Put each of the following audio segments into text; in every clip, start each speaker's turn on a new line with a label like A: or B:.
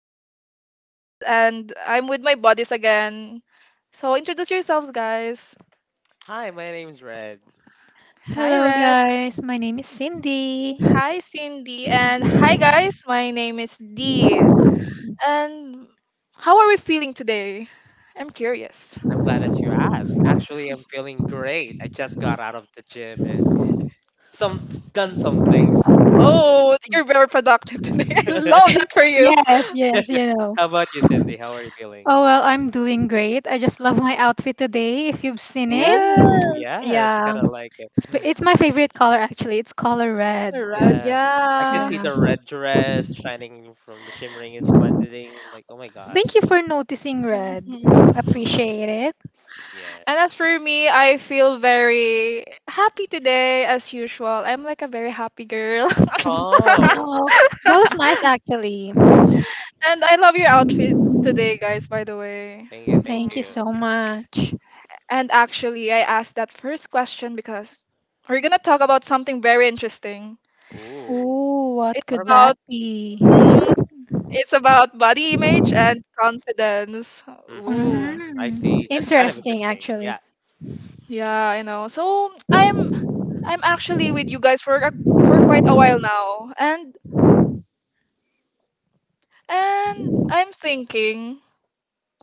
A: project podcast, and I'm with my buddies again. So introduce yourselves, guys.
B: Hi, my name's Red.
A: Hi
C: Hello,
A: Red,
C: guys. My name is Cindy.
A: hi Cindy, and hi guys. My name is Dee. And how are we feeling today? I'm curious.
B: I'm glad that you asked. Actually, I'm feeling great. I just got out of the gym and some done some things.
A: Oh, you're very productive today. I
B: How
A: love that for you.
C: Yes, yeah, you know.
B: about you, Cindy? How are you feeling?
C: Oh, well, I'm doing great. I just love my outfit today. If you've seen it,
B: Oh,
A: Yes,
B: yes, I kind of like it.
C: it's my favorite color, actually. It's color red.
A: Red.
B: Yeah, I can
A: Yeah.
B: see
C: Yeah.
B: the red dress shining from the shimmering and splendiding. Like, oh my
C: Thank
B: gosh.
C: you for noticing red. Appreciate it.
B: Yeah.
A: And as for me, I feel very happy today as usual. I'm like a very happy girl.
C: Oh,
B: Oh,
C: that was nice, actually.
A: And I love your outfit today, guys, by the way.
B: thank
A: Mm.
C: Thank you
B: you.
C: so much.
A: And actually, I asked that first question because we're going to talk about something very interesting.
B: Ooh,
C: Ooh, what
A: It's
B: what are
C: could
B: we
C: that
B: talking?
A: about
C: be?
A: mm, it's about body image and confidence. Ooh.
B: Mm-hmm. I
C: Mm,
B: see. That's kind of
C: Interesting,
B: interesting. Yeah.
C: actually.
A: Yeah, I know. So I'm actually with you guys for quite a while now, and and I'm thinking,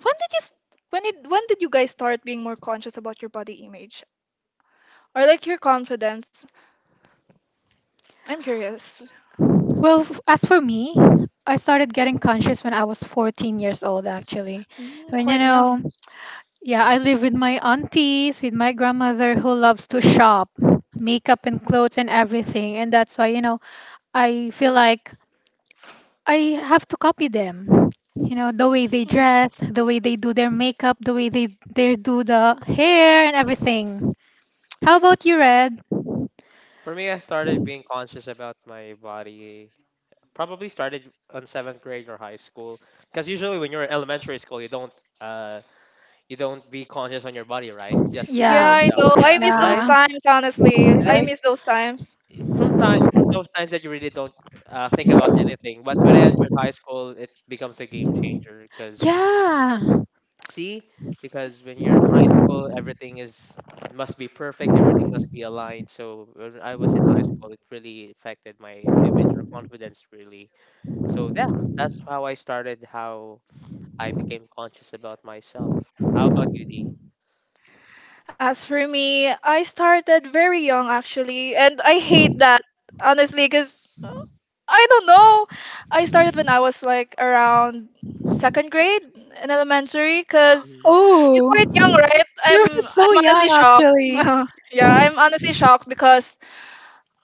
A: when did you s- when did you guys start being more conscious about your body image or like your confidence? I'm curious.
C: Well, as for me, I started getting conscious when I was 14 years old, actually.
A: Mm,
C: When,
A: quite young.
C: yeah, I live with my aunties, with my grandmother who loves to shop, makeup and clothes and everything. And that's why, I feel like I have to copy them. You know, the way they
A: Mm.
C: dress, the way they do their makeup, the way they do the hair and everything. How about you, Red?
B: For me, I started being conscious about my body probably started on seventh grade or high school because usually when you're in elementary school uh you don't be conscious on your body, right? Just be
A: Yeah, I
B: yourself,
A: know. I
B: yeah,
A: miss those
B: right.
C: Yeah.
A: times, honestly. I
B: Like
A: miss those times.
B: from those times that you really don't think about anything. But when I entered high school, it becomes a game changer. Because
C: Yeah.
B: see because when you're in high school, everything is must be perfect, everything must be aligned. So when I was in high school, it really affected my image or confidence really. So yeah, that's how I started how I became conscious about myself. How about you, D?
A: As for me, I started very young actually, and I hate that honestly because I don't know. I started when I was like around second grade in elementary because
B: Hmm.
A: you're quite young,
C: Oh,
A: right? I'm
C: you're so
A: I'm
C: young,
A: honestly shocked.
C: actually.
A: Yeah, I'm honestly shocked because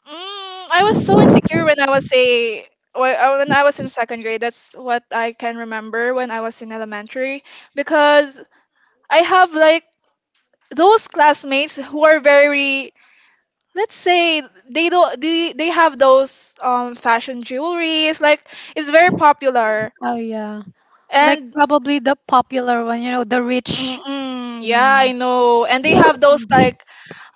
A: I was so insecure when I was say wh- when I was in second grade. That's what I can remember when I was in elementary because I have like those classmates who are very, let's say, they don't they have those fashion jewelries, like it's very
B: Hmm.
A: popular.
C: Oh, yeah. Like
A: And
C: probably the popular one, you know, the rich.
A: mm-mm, yeah, I
C: Um,
A: know, and they have those like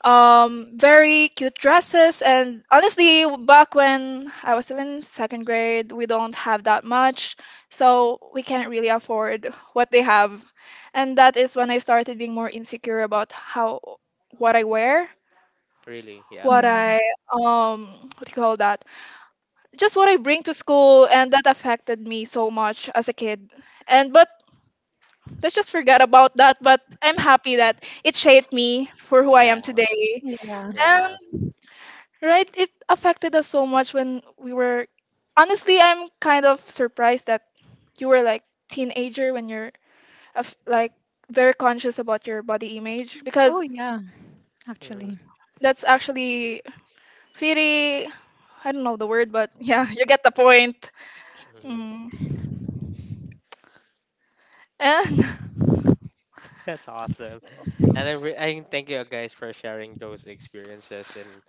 A: very cute dresses, and honestly back when I was still in second grade, we don't have that much, so we can't really afford what they have. And that is when I started being more insecure about how, what I wear,
B: Really? Yeah.
A: what
C: yeah.
A: I um what do you call that, just what I bring to school, and that affected me so much as a kid. And but let's just forget about that, but I'm happy that it shaped me for who I
B: Yeah.
A: am today.
C: Yeah.
B: Yeah.
A: And right? It affected us so much when we were. Honestly, I'm kind of surprised that you were like teenager when you're like very conscious about your body image because
C: Oh yeah,
B: Hmm.
C: actually.
A: that's actually pretty. I don't know the word, but yeah, you get the point.
B: Hmm.
A: Mm. And
B: That's awesome. I thank you guys for sharing those experiences, and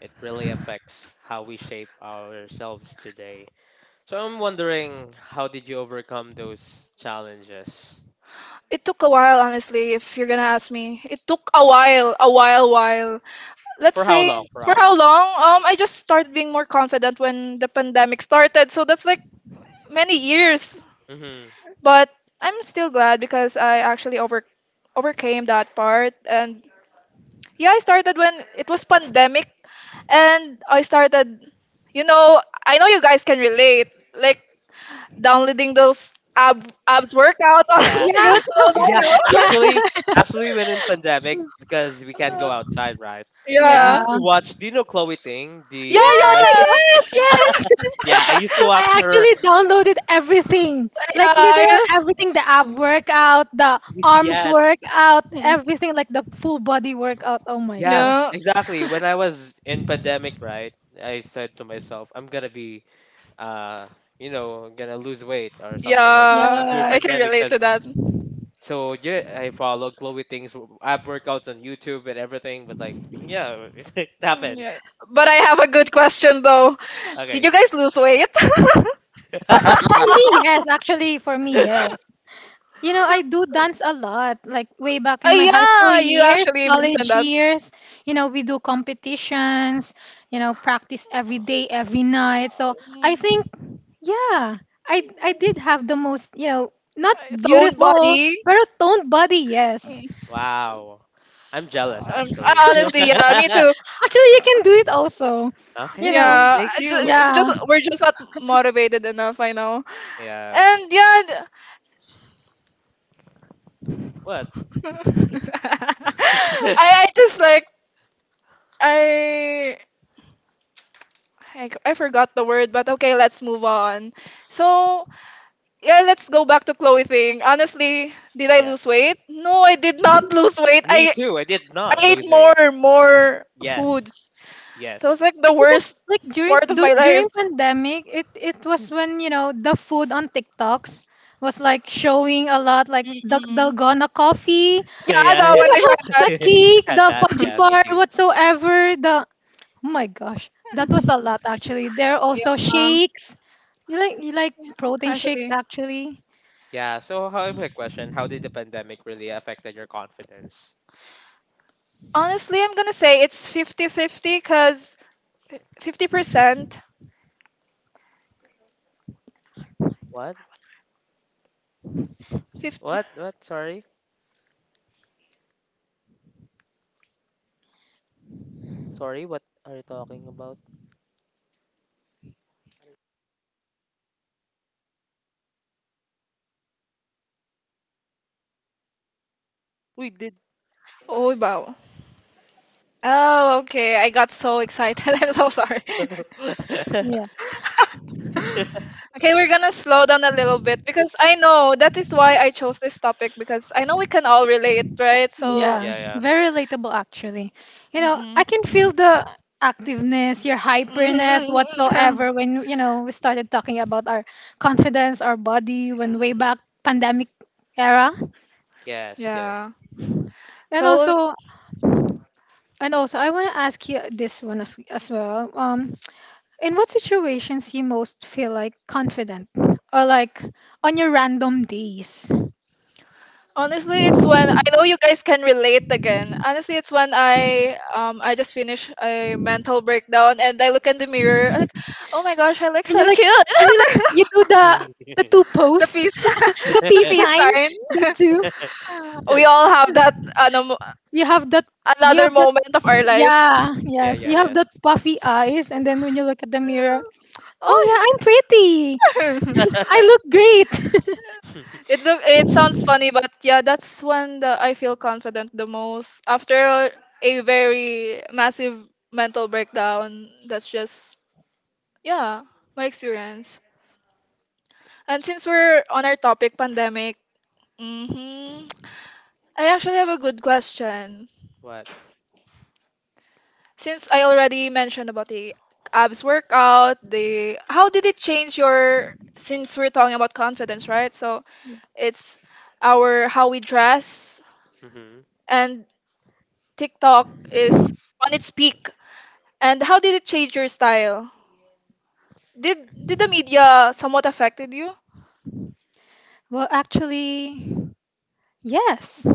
B: it really affects how we shape ourselves today. So I'm wondering, how did you overcome those challenges?
A: it took a while, honestly. If you're gonna ask me, it took a while, while. Let's
B: For how
A: say
B: long? For
A: for
B: how
A: how
B: long?
A: long? I just started being more confident when the pandemic started, so that's like many years.
B: Mm-hmm.
A: But I'm still glad because I actually overcame that part, and yeah, I started when it was pandemic, and I started, you know, I know you guys can relate, like downloading those ab abs workout on
B: Yeah,
C: Yeah,
B: yeah,
A: YouTube,
B: yeah.
A: I
C: yeah,
B: Actually, actually, when in pandemic, because we can't
A: know.
B: go outside, right? I
A: Yeah.
C: yeah.
B: used to watch. Do you know Chloe Ting,
C: Ah,
B: the
A: Yeah, yeah,
B: influencer?
A: yeah.
C: yes, yes.
B: Yeah, I used to watch
C: I
B: her.
C: actually downloaded everything.
A: Yeah.
C: Literal
A: I-
C: everything, the ab workout, the arms
B: Yes,
C: workout, everything like the full body workout. Oh my.
B: yes,
A: Yeah.
B: exactly. When I was in pandemic, right? I said to myself, I'm gonna be, uh, you know, gonna lose weight or
A: Yeah,
B: something like that during
C: Yeah.
A: I can
B: pandemic.
A: relate to
B: Cause
A: that.
B: so yeah, I follow Chloe Ting's ab workouts on YouTube and everything. But like, yeah, it
A: Mm,
B: happens.
A: yeah. But I have a good question though. Did
B: Okay.
A: you guys lose weight?
C: For me, yes. Actually, for me, yes. You know, I do dance a lot, like way back in my high school
A: Yeah, you
C: years,
A: actually mentioned
C: college
A: that.
C: years. You know, we do competitions, you know, practice every day, every night. So I
A: Mm,
C: think, yeah, I did have the most, you know, not
A: its own
C: beautiful,
A: body.
C: but a toned body, yes.
A: Mm.
B: Wow. I'm jealous actually.
A: I- honestly, yeah, me too.
C: Actually, you can do it also, you
B: Okay,
C: know.
A: Yeah,
B: thank
A: I
B: you.
C: Yeah.
A: just, we're just not motivated enough. I know,
B: Yeah.
A: and yeah,
B: What?
A: d- I just like I I forgot the word, but okay, let's move on. So, yeah, let's go back to clothing. Honestly, did I
B: Yeah.
A: lose weight? No, I did not lose weight.
B: Me too. I did not
A: I ate
B: lose weight.
A: more
B: Yes.
A: foods. That was
B: Yes.
A: like the
C: It's because
A: worst
C: like during
A: part of
C: du-
A: my life.
C: during pandemic, it was when you know the food on TikToks was like showing a lot, like the
A: Mm-mm.
C: dalgona coffee,
A: Yeah,
B: Yeah,
A: that
C: you
B: yeah.
A: when I
C: know,
A: tried that.
C: the cake,
B: Had
C: the
B: that.
C: fudgy
B: Yeah, me
C: bar,
B: too.
C: whatsoever. The Oh my gosh, that was a lot actually. There are also
A: Yeah.
C: shakes. You like protein shakes
A: Actually,
C: actually.
B: Yeah. So, how my question? How did the pandemic really affected your confidence?
A: honestly, I'm gonna say it's fifty-fifty because 50%,
B: What?
A: 50.
B: What? What? Sorry. Sorry. What are you talking about? We did.
A: Oh, wow. Oh, okay. I got so excited. I'm so sorry.
C: Yeah.
A: Okay, we're gonna slow down a little bit because I know that is why I chose this topic, because I know we can all relate, right? So,
C: Yeah,
B: Yeah. Yeah.
C: very relatable actually. You know, I
A: mm-mm.
C: can feel the activeness, your hyperness whatsoever when you know we started talking about our confidence, our body when way back pandemic era.
B: Yes. Yes.
A: yeah.
C: And
A: So
C: also and also I want to ask you this one as well. In what situations you most feel like confident or like on your random days?
A: honestly, it's when I know you guys can relate again. Honestly, it's when I just finished a mental breakdown and I look in the mirror like, oh my gosh, I look
C: And you
A: so
C: like
A: cute.
C: and you like you do the the two
A: The
C: pose,
A: peace,
C: the
A: the
C: peace
A: peace
C: sign,
A: sign.
C: the two.
A: We all have that
C: You have that you
A: another
C: have that
A: moment of our life.
C: yeah,
B: Yeah.
C: yes.
B: Yeah.
C: You have
B: Yes.
C: that puffy eyes and then when you look at the mirror, oh
A: Oh,
C: yeah, I'm pretty. I look great.
A: it look it sounds funny, but yeah, that's when the I feel confident the most after a very massive mental breakdown. That's just yeah my experience. And since we're on our topic, pandemic, hmm, I actually have a good question.
B: What?
A: Since I already mentioned about the abs workout, the how did it change your, since we're talking about confidence, right? So
C: Yeah.
A: it's our how we dress,
B: Mhm.
A: and TikTok is on its peak. And how did it change your style? Did did the media somewhat affected you?
C: Well, actually, yes.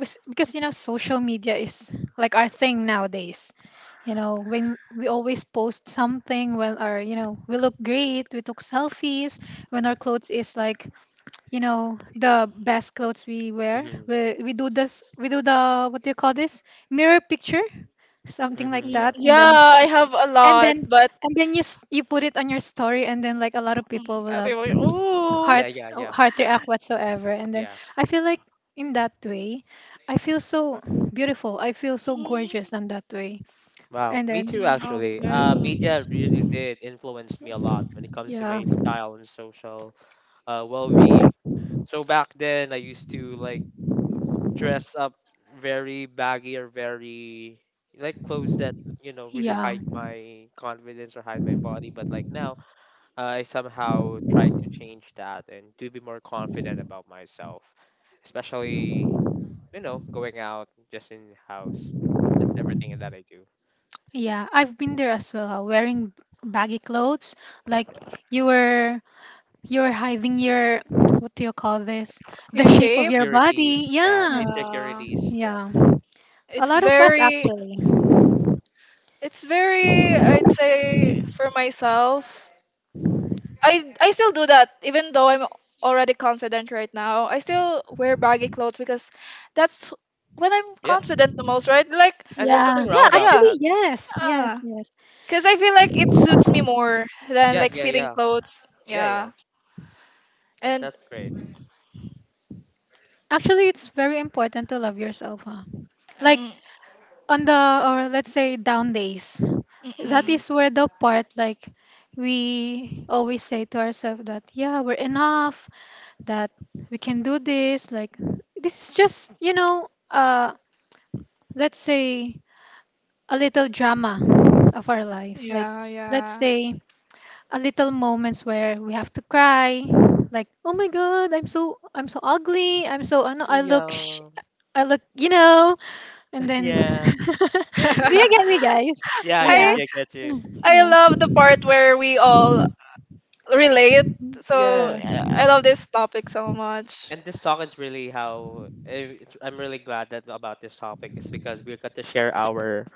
C: Because you know social media is like our thing nowadays. You know, when we always post something when our, you know, we look great, we took selfies, when our clothes is like, you know, the best clothes we wear.
B: Mhm.
C: We do this, we do the, what do you call this? Mirror picture something like
B: Mhm.
A: Mm,
B: Yeah.
C: that and then
A: yeah, I have a
C: and
A: lot,
C: then
A: but
C: and then you put it on your story, and then like a lot of people
A: mm,
C: will have
A: people, oh,
B: Yeah. Yeah. Yeah.
C: heart react whatsoever. And then
B: Yeah.
C: I feel like in that way I feel so beautiful. I feel so
A: mm,
C: gorgeous in that way.
B: Wow,
C: And
B: me
C: then
B: too
A: mm,
B: actually.
A: okay.
B: Media really did influence me a lot when it comes to my style and social well-being. So back then, I used to like dress up very baggy or very like clothes that you know really hide my confidence or hide my body. But like now, I somehow try to change that and to be more confident about myself, especially you know going out just in house, just everything that I do.
C: yeah, I've been there as well, wearing baggy clothes. Like you were you were hiding your what do you call this, the
A: You
C: shape of
A: shave?
C: your body,
B: Insecurities yeah,
C: yeah.
A: Yeah.
B: insecurities, yeah,
C: Yeah, a
A: It's
C: lot of us
A: very
C: actually.
A: it's very, I'd say for myself. I still do that even though I'm already confident right now. I still wear baggy clothes because that's when I'm
B: yeah.
A: confident the most, right? Like
B: And there's
C: Yeah,
B: nothing wrong
A: yeah,
B: about
A: yeah.
B: that.
C: actually, yes, yes,
A: Uh,
C: yes.
A: cuz I feel like it suits me more than
B: Yeah,
A: like
B: yeah,
A: fitting
B: yeah,
A: clothes.
B: yeah, yeah.
A: Yeah.
B: That-
A: And
B: that's great.
C: Actually, it's very important to love yourself, huh? Like
A: mm,
C: on the, or let's say, down days. That
B: Mm-hmm.
A: mm-mm.
C: is where the part like we always say to ourselves that yeah, we're enough, that we can do this, like this is just, you know, let's say a little drama of our life. Like,
A: Yeah,
C: let's
A: yeah.
C: say, a little moments where we have to cry, like oh my god, I'm so ugly, I know I look sh-
B: Yeah.
C: I look, you know. And then,
B: Yeah.
C: do you get me, guys?
B: Yeah, I get
A: I
C: Yeah.
B: you, I get you.
C: Mm,
A: I
C: yeah.
A: love the part where we all relate. So
C: Oh.
A: I love this topic so much.
B: And this talk is really how I'm really glad that about this topic is because we got to share our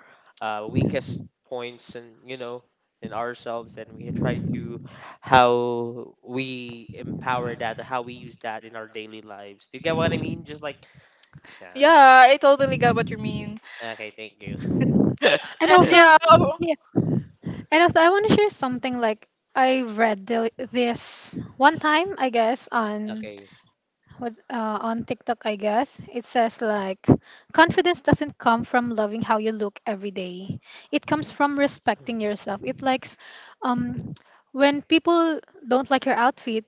B: weakest points and you know in ourselves, and we try to how we empower that, how we use that in our daily lives. Do you get what I mean? Just like, yeah.
A: Yeah, I totally get what you mean.
B: Okay, thank you.
C: And
A: And
C: also,
A: yeah,
C: yeah. And also, I want to share something like I read this one time, I guess, on
B: Okay.
C: what on TikTok. I guess it says like, confidence doesn't come from loving how you look every day. It comes from respecting yourself. It likes, um, when people don't like your outfit,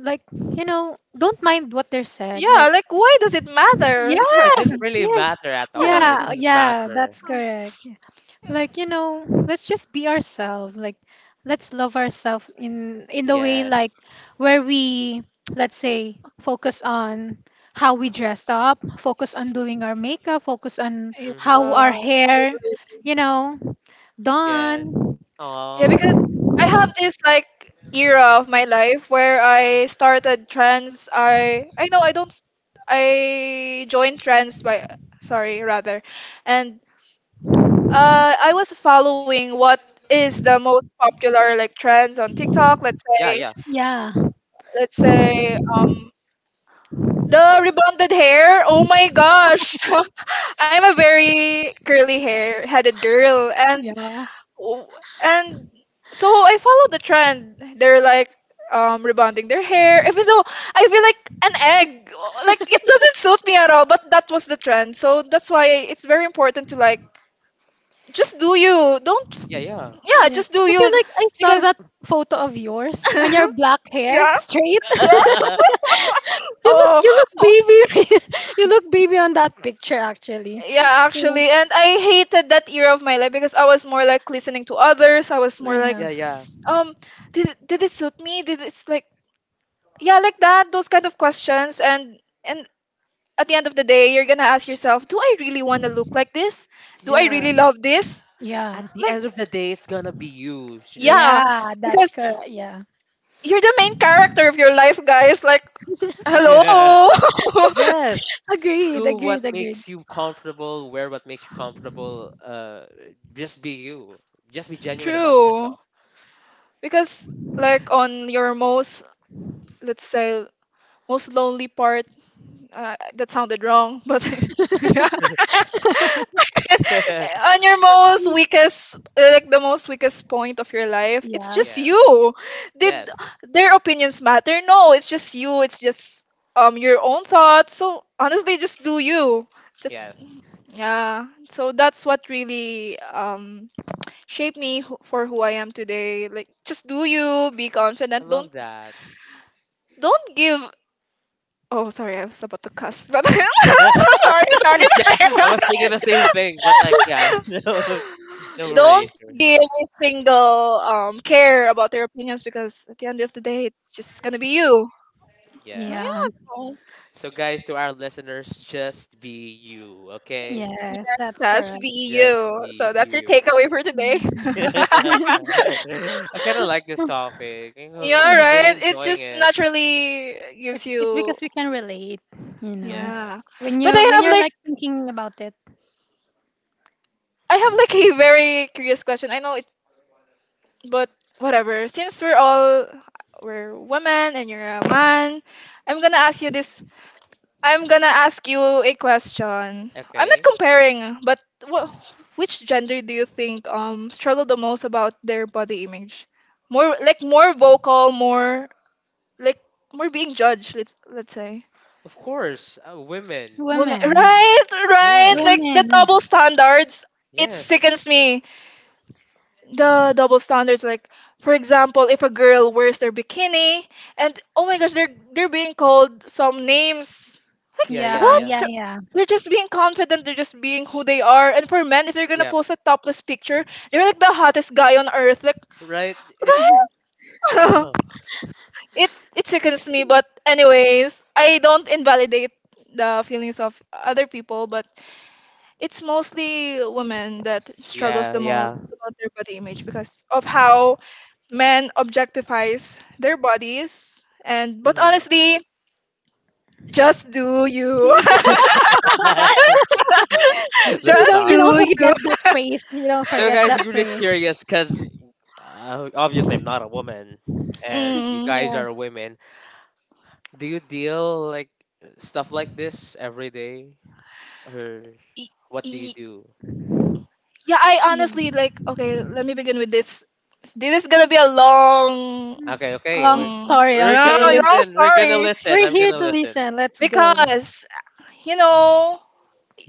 C: like you know, don't mind what they're said.
A: yeah,
C: Like,
A: like why does it matter?
B: It
C: yes,
B: didn't really
C: yeah,
B: matter at all.
C: yeah,
B: It doesn't
C: yeah,
B: matter.
C: that's correct. Yeah. Like, you know, let's just be ourselves. Like, let's love ourselves in the way, like,
B: Yes.
C: where we, let's say, focus on how we dressed up, focus on doing our makeup, focus on how
B: Mm-hmm.
C: our
A: Yeah,
C: hair, you know,
B: Yes.
C: done.
A: yeah,
B: Aw.
A: because I have this like era of my life where I started trans. I know I don't. S- I joined trans, by sorry, rather, and uh, I was following what is the most popular like trends on TikTok. Let's
B: Yeah,
A: say,
B: yeah.
C: Yeah.
A: let's say, the rebonded hair. Oh my gosh, I'm a very curly hair headed girl, and
C: Yeah.
A: w- and so I follow the trend. They're like rebonding their hair, even though I feel like an egg. Like it doesn't suit me at all, but that was the trend. So that's why it's very important to like just do you. Don't
B: Yeah, yeah.
A: yeah,
C: Yeah.
A: just do
C: I feel
A: you
C: like I saw
A: because
C: that photo of yours on your black hair,
A: yeah
C: straight.
A: yeah
C: You look,
A: oh,
C: you look
A: oh
C: baby. You look baby on that picture, actually.
A: yeah, actually, and I hated that era of my life because I was more like listening to others. I was more
C: Yeah.
A: like,
B: Yeah, yeah.
A: um, did it suit me? Did it's like yeah, like that, those kind of questions, and at the end of the day, you're gonna ask yourself, do I really want to look like this? Do I really
B: Yeah.
A: love this?
B: At
C: Yeah.
B: the
C: Yeah.
A: Like
B: end of the day, it's gonna be you. She's like,
A: yeah,
C: Yeah. That's
A: because
C: correct. Yeah.
A: you're the main character of your life, guys. Like
B: yeah.
A: hello.
B: Yes.
C: Agree.
B: Do what makes you comfortable, wear what makes you comfortable. Just be you. Just be genuine about
A: True.
B: yourself.
A: Because like on your most, let's say, most lonely part, that sounded wrong, but yeah. On your most weakest, like the most weakest point of your life, it's
C: Yeah.
A: just
B: Yeah.
A: you. Did
B: Yes.
A: their opinions matter? No, it's just you. It's just your own thoughts. So honestly, just do you. Just
B: Yes.
A: yeah. So that's what really shape me for who I am today. Like just do you, be
B: I
A: confident. Don't
B: love that.
A: don't give oh, sorry, I was about to cuss, but sorry, sorry,
B: Yeah,
A: sorry.
B: I was thinking the same thing, but like, yeah, no, no
A: Don't
B: worries.
A: give a single care about their opinions because at the end of the day, it's just gonna be you. Oh
B: Yes.
C: Yeah.
A: yeah, no.
B: So, guys, to our listeners, just be you, okay?
C: Yes.
A: Yeah,
C: That's
A: just
C: correct.
A: be
B: Just
A: you. So
B: be
A: that's your
B: you.
A: takeaway for today.
C: Mhm.
B: I kind of like this topic.
A: Yeah,
B: I'm really
A: right. It
B: enjoying
A: just
B: it.
A: naturally
C: It,
A: gives
C: it's because
A: you
C: we can relate, you know.
B: Yeah.
A: yeah.
C: When
A: But
C: you when you're like thinking about it,
A: I have like a very curious question. I know but whatever, since we're all we're women and you're a man, I'm gonna ask you this. I'm gonna ask you a question. I'm not
B: Okay.
A: comparing, but which gender do you think struggle the most about their body image? More like more vocal, more like more being judged. Let's say
B: Of course, women.
A: women.
C: women,
A: Right, right.
B: Yeah.
A: Like the
C: women.
A: double standards. It
B: Yes.
A: sickens me. The double standards, like for example, if a girl wears their bikini, and oh my gosh, they're being called some names, like
B: Yeah. Yeah.
C: Yeah.
A: what,
B: Yeah.
C: Yeah. Yeah.
A: they're just being confident, they're just being who they are. And for men, if they're gonna
B: Yeah.
A: post a topless picture, they're like the hottest guy on earth. Like
B: Right. It's.
A: right.
B: Uh,
A: it it sickens me, but anyways, I don't invalidate the feelings of other people, but it's mostly women that struggles
B: yeah.
A: the most
B: Yeah.
A: about their body image because of how men objectifies their bodies. And but
B: Mhm.
A: honestly, just do you.
C: You
B: That's
A: Just
C: don't you don't
A: do
B: awesome.
A: you.
C: forget that phrase. You know.
B: So, guys, you're really curious because obviously I'm not a woman, and you
A: Mm,
B: guys are women. Do you deal like stuff like this every day, or
A: y-
B: what do you
A: y-
B: do?
A: yeah, I
C: You,
A: honestly, like, okay, let me begin with this. This is gonna be a long,
B: Okay, okay,
C: long
A: mm,
C: story.
A: you
B: we're
A: know,
B: gonna
C: Okay.
A: long
B: listen. We're gonna
A: story
B: listen.
C: We're
B: I'm
C: here
B: gonna
C: to
B: listen.
C: listen. Let's go.
A: because, you know,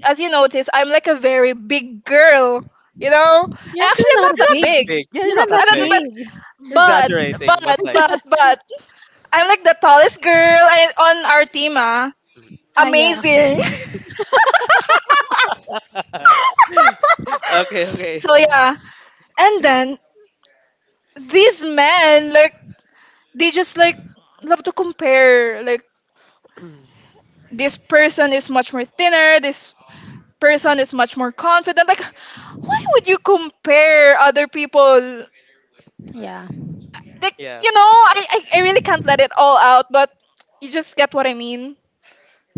A: as you notice, I'm like a very big girl, you know. I
C: You're
A: actually
C: actually
A: am
C: not
A: not
B: You're not
A: that
C: big.
B: that
A: big.
B: big. Yeah, you're
C: You're
B: not
C: not
B: that
C: that
A: I'm not,
B: big.
A: but
C: big.
B: You're
A: but
B: exaggerating,
A: but
B: but like,
A: but but I'm like the tallest girl on our team, ah.
C: Ah, yeah,
A: Amazing.
B: okay, okay,
A: so yeah. And then these men, like they just like love to compare. Like this person is much more thinner, this person is much more confident. Like why would you compare other people?
C: yeah,
A: Like,
B: yeah,
A: you know, I really can't let it all out, but you just get what I mean.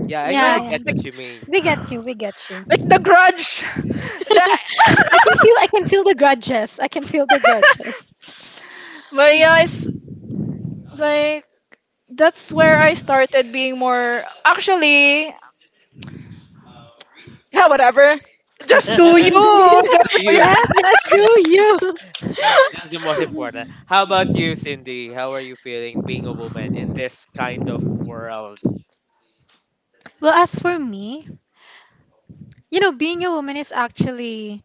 B: yeah. I
A: You
C: yeah.
A: know?
B: really get
A: Like
B: what you mean.
C: We get you. We get
A: the
C: you.
A: grudge. that.
C: I can feel the grudges. I can feel the grudges.
A: But yeah, it's like that's where I started being more actually yeah, whatever. Just do you.
B: So
A: Just do you.
B: you
C: Yes, yes, go you.
B: That's the most important. How about you, Cindy? How are you feeling being a woman in this kind of world?
C: Well, as for me, you know, being a woman is actually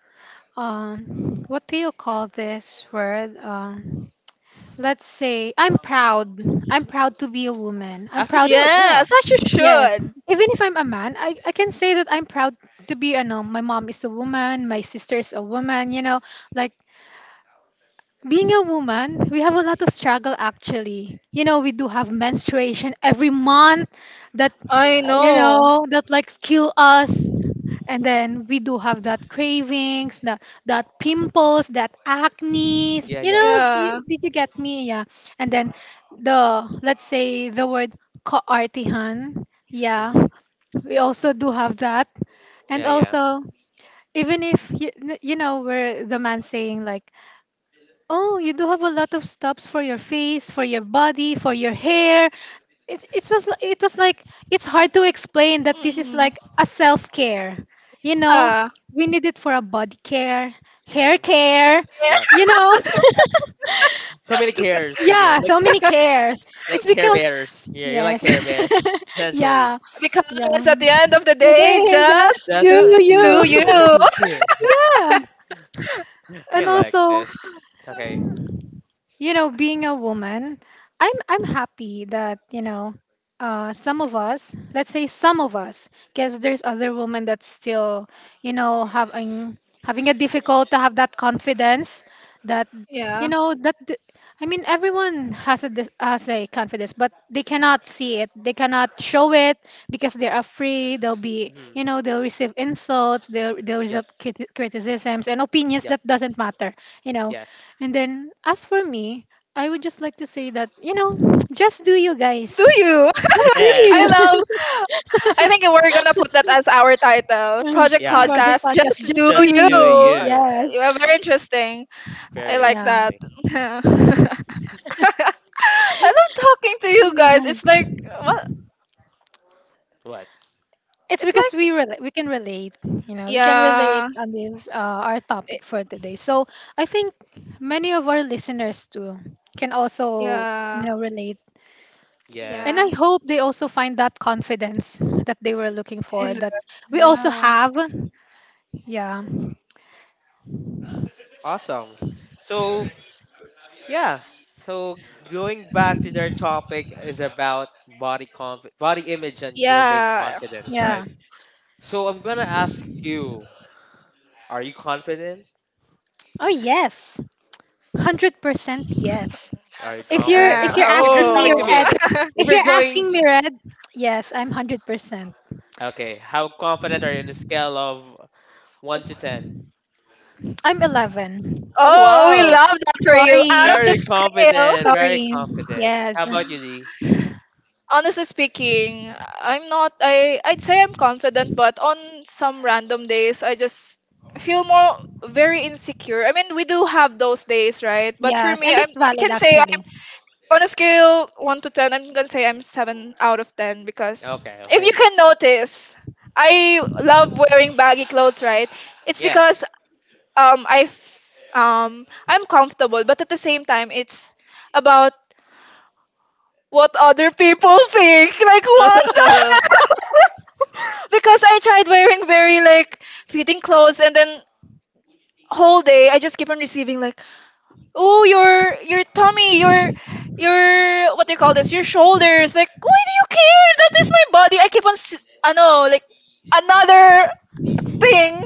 C: what do you call this word? Let's say I'm proud. I'm proud to be a woman. I'm
B: As you
C: proud.
B: should. Yeah.
A: Yeah, such you
C: Yes.
A: should.
C: Even if I'm a man, I can say that I'm proud to be a no, my mom is a woman, my sister is a woman, you know, like being a woman, we have a lot of struggle actually. You know, we do have menstruation every month that
A: I
C: uh,
B: Mhm.
C: you
A: know.
C: know, that like kill us. And then we do have that cravings, that pimples, that acne,
B: Yeah.
C: you
B: Yeah.
C: know,
B: Yeah.
A: Yeah.
C: did you get me? Yeah. And then the, let's say, the word kaartihan. Yeah,
B: Hmm.
C: we also do have that. And
B: Yeah. Yeah.
C: also, even if you, you know, where the man saying like, oh you do have a lot of stops for your face, for your body, for your hair, it was like it's hard to explain that this is
A: Mm.
C: like a self-care, you know,
A: Yeah.
C: we need it for a body care, hair
B: Hmm.
C: care,
B: Yep.
A: Yeah.
C: you know.
B: So many cares. Okay.
C: Yeah, so many cares,
B: Like care bears. Yeah. You're like
C: yes.
B: care bears essentially.
C: Yeah,
A: Because
C: yeah,
A: at the end of the
C: today,
A: day,
C: yes,
B: That's
C: you
B: do
C: you
A: do you.
B: you.
C: yeah.
B: Yeah. I
C: And
B: like
C: also,
B: this. Okay.
C: you know, being a woman, I'm happy that, you know, some of us, let's say, some of us, because there's other women that still, you know, having a difficult to have that confidence, that
A: Yeah.
C: you know I mean, everyone has a confidence, but they cannot see it. They cannot show it because they're afraid. They'll be,
B: Hmm.
C: you know, they'll receive insults. They'll receive
B: Yep.
C: criticisms and opinions
B: Yep.
C: that doesn't matter. You know,
B: Yeah.
C: and then as for me, I would just like to say that, you know, just do you
A: Just
C: guys.
A: do you.
C: Just do
B: Yes.
C: you?
A: I love I think we're gonna put that as our title.
C: Mm,
A: Project
B: Yeah.
C: Project
A: podcast.
C: podcast,
A: Just
C: just
A: do
B: Just
C: do
B: do
C: you.
A: you.
B: you.
C: Yes.
A: Yeah, very interesting. I
B: Very
A: like
C: Yeah.
A: that.
B: interesting.
A: I love talking to
C: Mm,
A: you
C: you
A: guys.
C: guys.
A: It's like what?
B: What?
C: It's
A: It's
C: because
A: like
C: we can relate, you know, we can relate
A: yeah,
C: on this, our
A: it-
C: topic for today. So I think many of our listeners too can also, you
A: yeah,
C: know, relate, and I
A: yeah,
B: Yes.
C: hope they also find that confidence that they were looking for,
A: and
C: that we also
A: yeah,
C: have. Yeah,
B: Awesome. So Yeah. So going back to their topic is about body image and building
A: yeah.
B: confidence,
C: yeah.
B: right? So I'm gonna ask you, are you confident?
C: Oh yes. 100% yes.
B: Are you
C: If you're
B: confident?
C: if
B: Like,
C: you're
B: if you're
C: asking me
B: talking to
A: Oh,
B: me,
C: red,
B: if
C: if
B: you're
C: you're asking
B: going,
C: me red, yes, I'm 100%.
B: okay, how confident are you in a scale of one to ten?
C: I'm 11.
B: Oh
A: oh, we
B: wow,
A: love that for you.
C: Sorry.
A: Out of the
B: very
A: scale.
B: confident, very
C: Sorry.
B: confident.
C: Yes.
B: How about you, D?
A: Honestly speaking, I'm not I I'd say I'm confident, but on some random days I just feel more very insecure. I mean, we do have those days, right? But for
C: Yes,
A: me,
C: and
A: I'm
C: that's
A: I
C: valid
A: can say I'm
C: actually.
A: on a scale 1 to 10, I'm going to say I'm 7 out of 10 because
B: Okay,
A: if you
B: okay,
A: can notice, I love wearing baggy clothes, right? It's
B: yeah.
A: because I'm comfortable, but at the same time it's about what other people think. Like what the because I tried wearing very like fitting clothes and then whole day I just keep on receiving like oh your tummy your what do you call this your shoulders like why do you care that is my body I keep on I know like another thing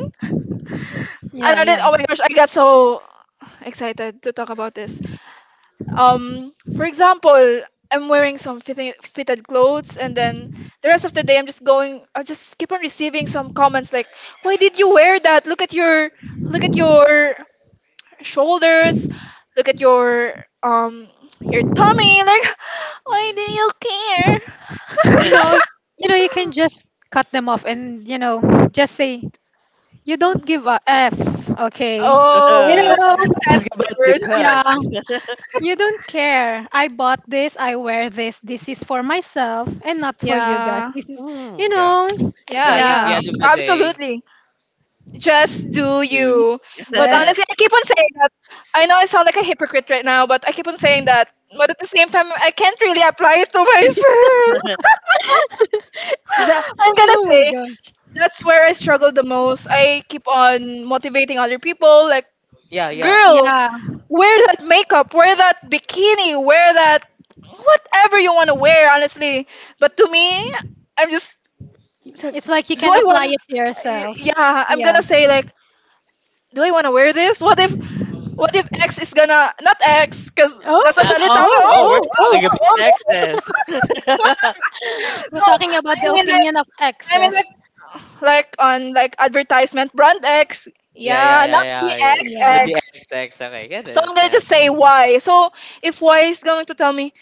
C: Yeah,
A: another
C: yeah.
A: oh my gosh I got so excited to talk about this for example I'm wearing some fitted clothes and then the rest of the day I'm just going I just keep on receiving some comments like why did you wear that look at your shoulders look at um your tummy like why do
B: Mhm.
A: you care
C: You know, you know, you can just cut them off and, you know, just say you don't give a f, okay?
A: oh
C: You
A: we
C: know,
B: Just about to
A: will not censor
B: cuss.
C: yeah. You don't care. I bought this, I wear this. This is for myself and not for you guys.
A: yeah
C: This is,
B: Ooh,
C: you
B: yeah.
C: know,
B: Because at the
C: yeah.
A: yeah
B: end of the day,
A: absolutely. Just do
B: dude.
A: you. But
C: Yes.
A: honestly, I keep on saying that. I know I sound like a hypocrite right now, but I keep on saying that. But at the same time, I can't really apply it to myself.
C: That,
A: I'm gonna
C: oh my
A: say
C: god.
A: that's where I struggle the most. I keep on motivating other people, like,
B: Yeah, yeah.
A: girl,
C: Yeah,
A: wear that makeup, wear that bikini, wear that whatever you want to wear, honestly. But to me, I'm just,
C: it's like you
A: do
C: can
A: I
C: apply
A: want?
C: it to yourself.
A: Yeah, I'm
C: Yeah.
A: gonna say like do I want to wear this? What if X is gonna not X because
C: Oh,
A: that's
B: Ah,
A: another
B: oh,
A: topic.
C: oh,
B: oh, we're
C: oh, oh.
B: talking about
A: Oh,
B: exes.
C: But
A: no,
C: talking about
A: I mean,
C: union of X,
A: I mean like like on like advertisement brand X.
B: Yeah, yeah,
A: Yeah, not the
B: yeah, yeah, yeah.
A: X
C: yeah,
A: X.
B: The ex, ex. Okay, I can
A: So I'm gonna just
B: understand.
A: say Y. So if Y is going to tell me,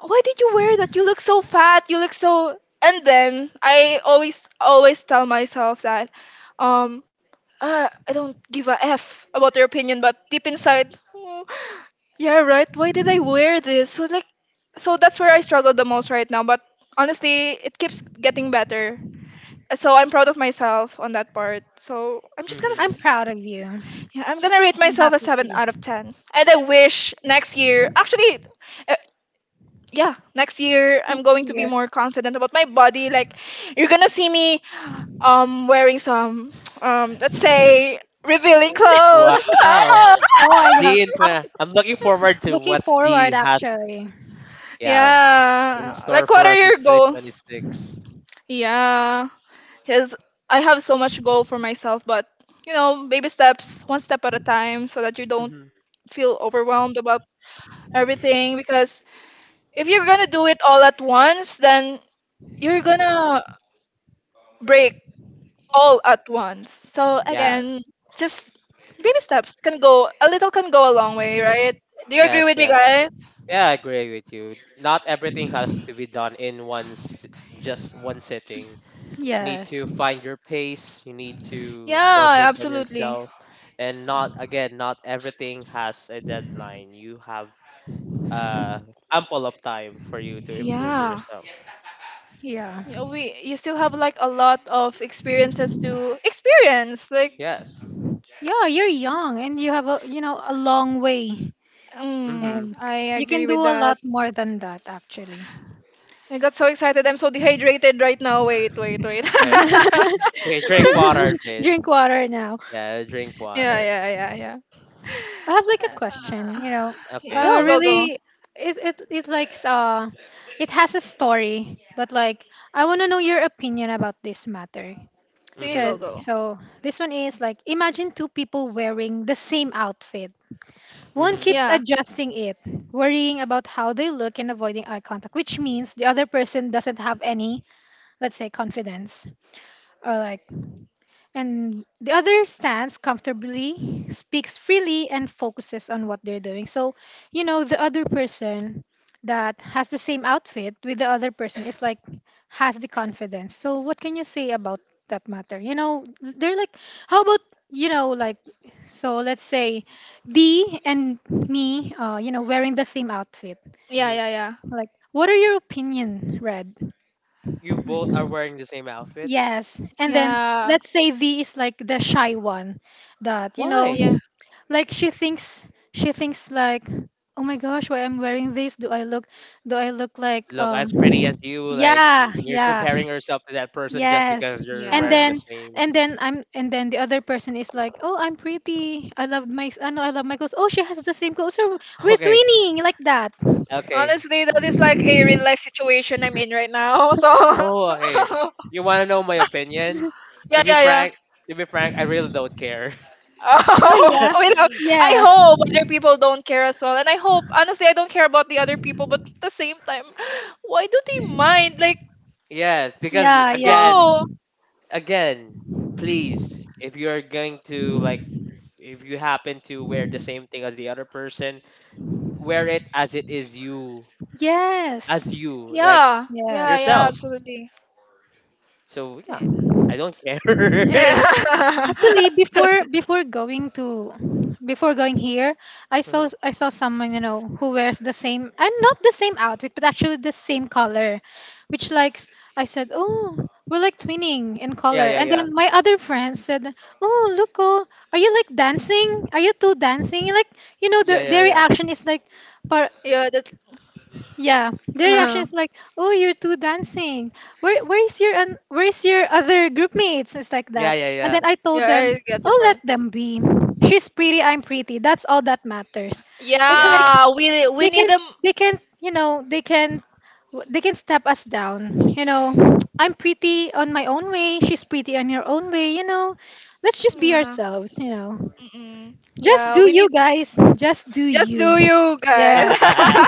A: why did you wear that? You look so fat. You look so. And then I always tell myself that, um, I don't give a f about your opinion, but deep inside, "Oh, yeah, right. Why did I wear this?" So like, so that's where I struggle the most right now. But honestly, it keeps getting better. So I'm proud of myself on that part. So I'm just gonna.
C: I'm
B: Mm-hmm.
A: s-
C: proud of you.
A: Yeah, I'm gonna rate
C: I'm
A: myself a
C: happy for
A: 7 out of
C: you.
A: 10. And I wish next year, actually, yeah next year I'm going to
C: Yeah.
A: be more confident about my body like you're gonna see me wearing some let's say revealing clothes.
B: Wow.
A: Ah!
C: Oh, I
B: I'm looking forward to
C: looking
B: what D
C: forward
B: has,
C: actually.
B: yeah, in
A: Yeah
B: store
A: like what
B: for
A: are
B: us in
A: your goal?
B: 2026.
A: Yeah because I have so much goal for myself but you know baby steps, one step at a time so that you don't
B: Mm-hmm.
A: feel overwhelmed about everything because if you're gonna do it all at once then you're gonna break all at once. So
B: Yes,
A: again, just baby steps can go a long way, right? Do you agree
B: yes,
A: with me,
B: yes.
A: guys?
B: Yeah, I agree with you. Not everything has to be done in just one sitting. You need
C: Yes.
B: to find your pace, you need to
A: Yeah,
B: focus on
A: absolutely.
B: yourself and not again, not everything has a deadline. You have uh ample of time for you to improve
A: Yeah.
B: yourself.
C: Yeah.
A: Yeah, we you still have like a lot of experiences to experience. Like,
B: Yes.
C: Yeah, you're young and you have a long way,
A: mm,
B: Mhm.
C: and
A: I
C: you can
A: agree
C: do
A: with
C: a lot
A: that.
C: more than that actually.
A: I got so excited. I'm so dehydrated right now. Wait.
B: Okay. Okay, drink water, Jay.
C: Drink water now.
B: Yeah, drink water.
A: Yeah.
C: I have like a question,
A: Uh,
C: you know.
B: Okay,
A: go,
B: okay.
A: go.
C: Really it it it likes uh it has a story, but like I want to know your opinion about this matter.
A: Sige,
C: Cause,
A: go,
B: Mhm.
A: go.
C: so this one is like, imagine two people wearing the same outfit. One
B: Mhm.
C: keeps
A: Yeah,
C: adjusting it, worrying about how they look and avoiding eye contact, which means the other person doesn't have any, let's say, confidence, or like, and the other stands comfortably, speaks freely, and focuses on what they're doing. So, you know, the other person that has the same outfit with the other person is like has the confidence. So, what can you say about that matter? You know, they're like, how about you know, like, so let's say D and me, you know, wearing the same outfit.
A: yeah,
B: Mhm.
A: yeah, yeah,
C: What are your opinion, Red?
B: You both are wearing the same outfit?
C: Yes, and then
A: yeah,
C: let's say D is like the shy one that you
B: Why?
C: know
A: yeah,
C: like she thinks like oh my gosh, why I'm wearing this? Do I look like?
B: Look as pretty as you? Like
C: Ah,
B: you're
C: yeah.
B: comparing yourself to that person just because you're
C: and
B: wearing
A: yeah.
B: the
C: then
B: same.
C: and then the other person is like, oh, I'm pretty, I know I love my clothes, oh, she has the same clothes, so we're
B: Okay.
C: twinning, like that.
B: Okay.
A: Honestly, that is like a real life situation I'm in right now. So,
B: Oh, okay, you want to know my opinion? To be
A: yeah.
B: frank, to be frank, I really don't care.
C: Oh, yeah.
A: Oh, we love. I
C: Yes,
A: hope other people don't care as well. And I hope, honestly, I don't care about the other people, but at the same time, why do they mind? Like,
B: Yes, because
C: yeah, yeah.
B: again,
A: bro.
B: again, please, if you're going to like, if you happen to wear the same thing as the other person, wear it as it is, you,
C: Yes,
B: as you like
C: yes.
A: Yeah,
B: yourself.
A: absolutely.
B: So yeah,
A: Yeah.
B: I don't care.
C: Actually, before going here, I saw someone, you know, who wears the same and not the same outfit, but actually the same color, which likes I said, oh, we're like twinning in
B: Yeah,
C: color.
B: yeah,
C: And
B: yeah.
C: then my other friend said, oh, look, oh, are you like dancing? Are you two dancing? Like, you know,
B: Yeah,
C: their
B: yeah,
C: their
B: yeah.
C: reaction is like, par-
A: yeah, that.
C: yeah, their reaction
A: Uh,
C: is like, "Oh, you're too dancing. Where is your un- where is your other group mates?" It's like
B: Yeah,
C: that. And
B: yeah,
C: then I
A: yeah,
C: told them,
A: I get your
C: "Oh, let
A: point.
C: them be. She's pretty. I'm pretty. That's all that matters." It's like
B: yeah.
A: Yeah, we
C: they
A: need
C: can
A: them.
C: they can w- they can step us down. You know, I'm pretty on my own way. She's pretty on her own way. You know, let's just be
A: Yeah.
C: ourselves. You know,
A: Mm-mm.
C: just
A: Yeah,
C: do
A: we
C: you
A: need.
C: guys. Just do
A: Just
C: you.
A: do you guys.
C: Yes.
B: Yeah.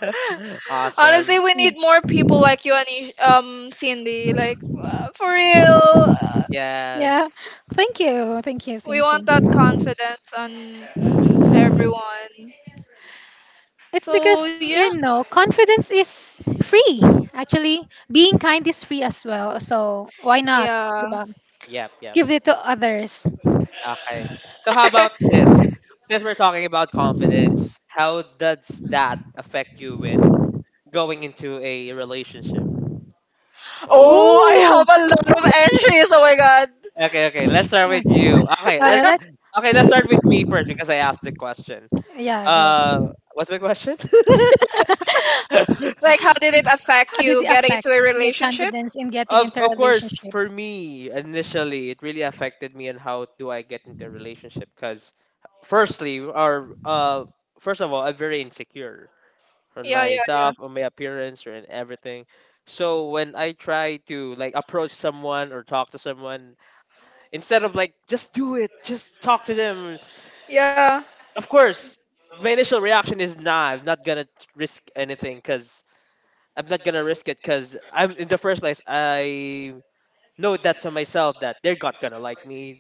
B: Awesome.
A: Honestly, we need more people like you and Cindy. Like for real,
C: Yeah.
B: Yes.
C: Thank you. Thank you.
A: we
C: Thank
A: want that
C: you.
A: confidence on everyone.
C: It's
A: So
C: because,
A: yeah,
C: you know, confidence is free. Actually, being kind is free as well. So why not? 'Di
A: yeah.
C: ba?
B: Yep, yep.
C: Give it to others.
B: Okay. So how about this? Since we're talking about confidence, how does that affect you when going into a relationship? Oh.
A: oh, I
C: Ooh.
A: have a lot of entries. Oh my god.
B: Okay, okay. Let's start with you.
C: Okay, Let,
B: Okay, let's start with me first because I asked the question.
C: yeah.
B: Uh, what's my question?
A: Like, how did it affect
C: How
A: you
C: did it
A: getting
C: affect
A: into a
C: your
A: relationship?
C: confidence in get?
B: Of course, for me initially, it really affected me and how do I get into a relationship? Because firstly, or first of all, I'm very insecure on
A: Yeah, yeah,
B: myself, on my appearance, or in everything. So when I try to like approach someone or talk to someone, instead of like just do it, just talk to them.
A: yeah.
B: Of course, my initial reaction is nah, I'm not gonna risk anything because I'm not gonna risk it because I'm in the first place I know that to myself that they're not gonna like me.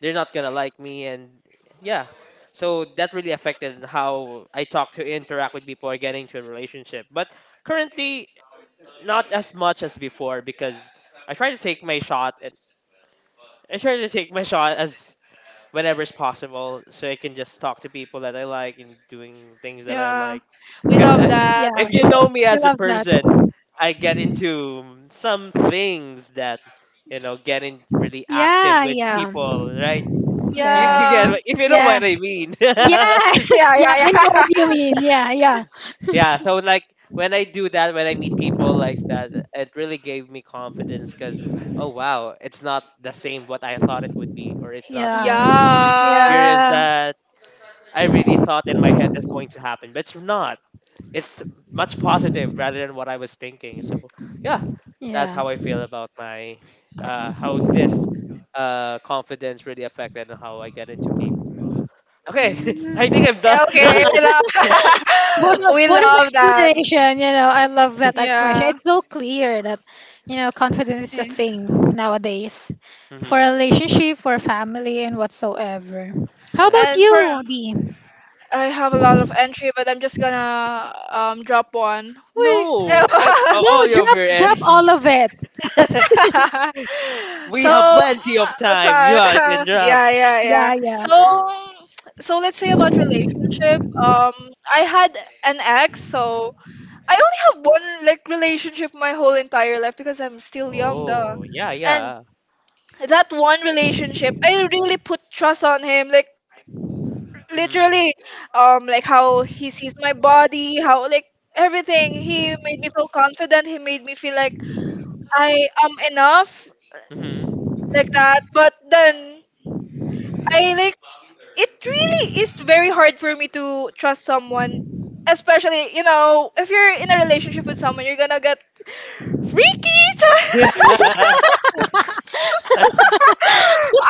B: They're not gonna like me, and yeah. So that really affected how I talk to interact with people or get into a relationship. But currently, not as much as before because I try to take my shot and I try to take my shot as whenever it's possible, so I can just talk to people that I like and doing things that I
A: Yeah,
B: like.
A: we
B: Because
A: love
B: I,
A: that.
B: if
C: Yeah.
B: you know me as a
C: Love that.
B: person, I get into some things that you know getting really active
C: Yeah.
B: with
C: Yeah.
B: people, right? If
C: Yes.
B: you get,
A: Yeah.
B: if you know
C: Yeah.
B: what I mean.
C: Yeah. yeah. We know what
A: Yeah.
C: you mean. Yeah. Yeah.
B: Yeah. So like when I do that, when I meet people like that, it really gave me confidence because oh wow, it's not the same what I thought it would be, or it's not the
A: yeah.
B: experience
C: Yeah.
B: that I really thought in my head that's going to happen, but it's not. It's much positive rather than what I was thinking. So yeah, that's how I feel about my how this confidence really affected and how I get into people. Okay, I think I'm done.
A: Yeah, okay, we love
C: What a,
A: we
C: what an
A: love that.
C: explanation! You know, I love that explanation.
A: Yeah.
C: It's so clear that, you know, confidence is a
A: Yeah.
C: thing nowadays for
B: Hmm.
C: a relationship, for family, and whatsoever. How
B: Uh,
C: about
A: And for
C: you, Dee? No,
A: I have a lot of entry, but I'm just gonna drop one. Whee.
B: no, I all
C: drop
B: over
C: drop
B: energy.
C: all of it.
B: We
A: So
B: have plenty of time. You
A: time.
B: are can drop.
A: Yeah.
C: Yeah, yeah,
A: So let's say about relationship. I had an ex, so I only have one like relationship my whole entire life because I'm still young, duh.
B: Oh yeah,
A: And
B: yeah.
A: that one relationship, I really put trust on him, like
B: Hmm.
A: literally, like how he sees my body, how like everything. He made me feel confident. He made me feel like I am enough,
B: Hmm.
A: like that. But then I like it really is very hard for me to trust someone, especially you know if you're in a relationship with someone, you're gonna get freaky.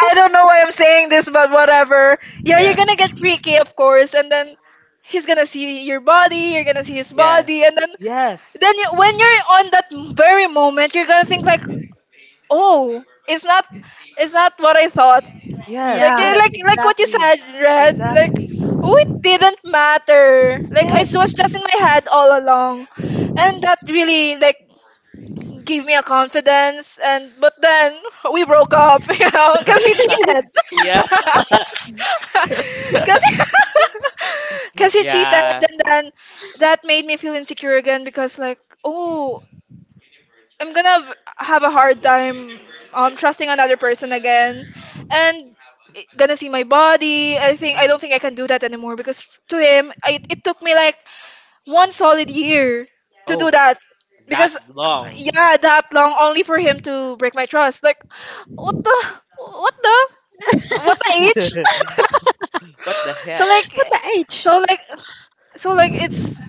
A: I don't know why I'm saying this, but whatever. Yeah, you're
B: Yeah,
A: gonna get freaky, of course, and then he's gonna see your body, you're gonna see his
B: yeah,
A: body, and then
B: yes.
A: you, when you're on that very moment, you're gonna think like, oh, it's not, it's not what I thought.
B: Yes,
A: Like
C: yeah.
A: eh,
B: yes,
A: like what you
B: exactly.
A: said, Red. Like
B: Exactly.
A: oh, it didn't matter. Like it
B: Yes.
A: was just in my head all along, and that really like gave me a confidence. And but then we broke up, you know, because he cheated.
B: Yeah.
A: Because because he cheated,
B: Yeah.
A: and then that made me feel insecure again. Because like oh, I'm gonna have a hard time trusting another person again, and I- gonna see my body. I think I
B: Mhm.
A: don't think I can do that anymore because to him, I, it took me like one solid year to do
B: Oh,
A: that
B: that
A: because
B: long.
A: yeah, that long only for him to break my trust. Like what the what the what the age?
B: What the
A: So
B: heck?
A: like
C: What the H?
A: so like it's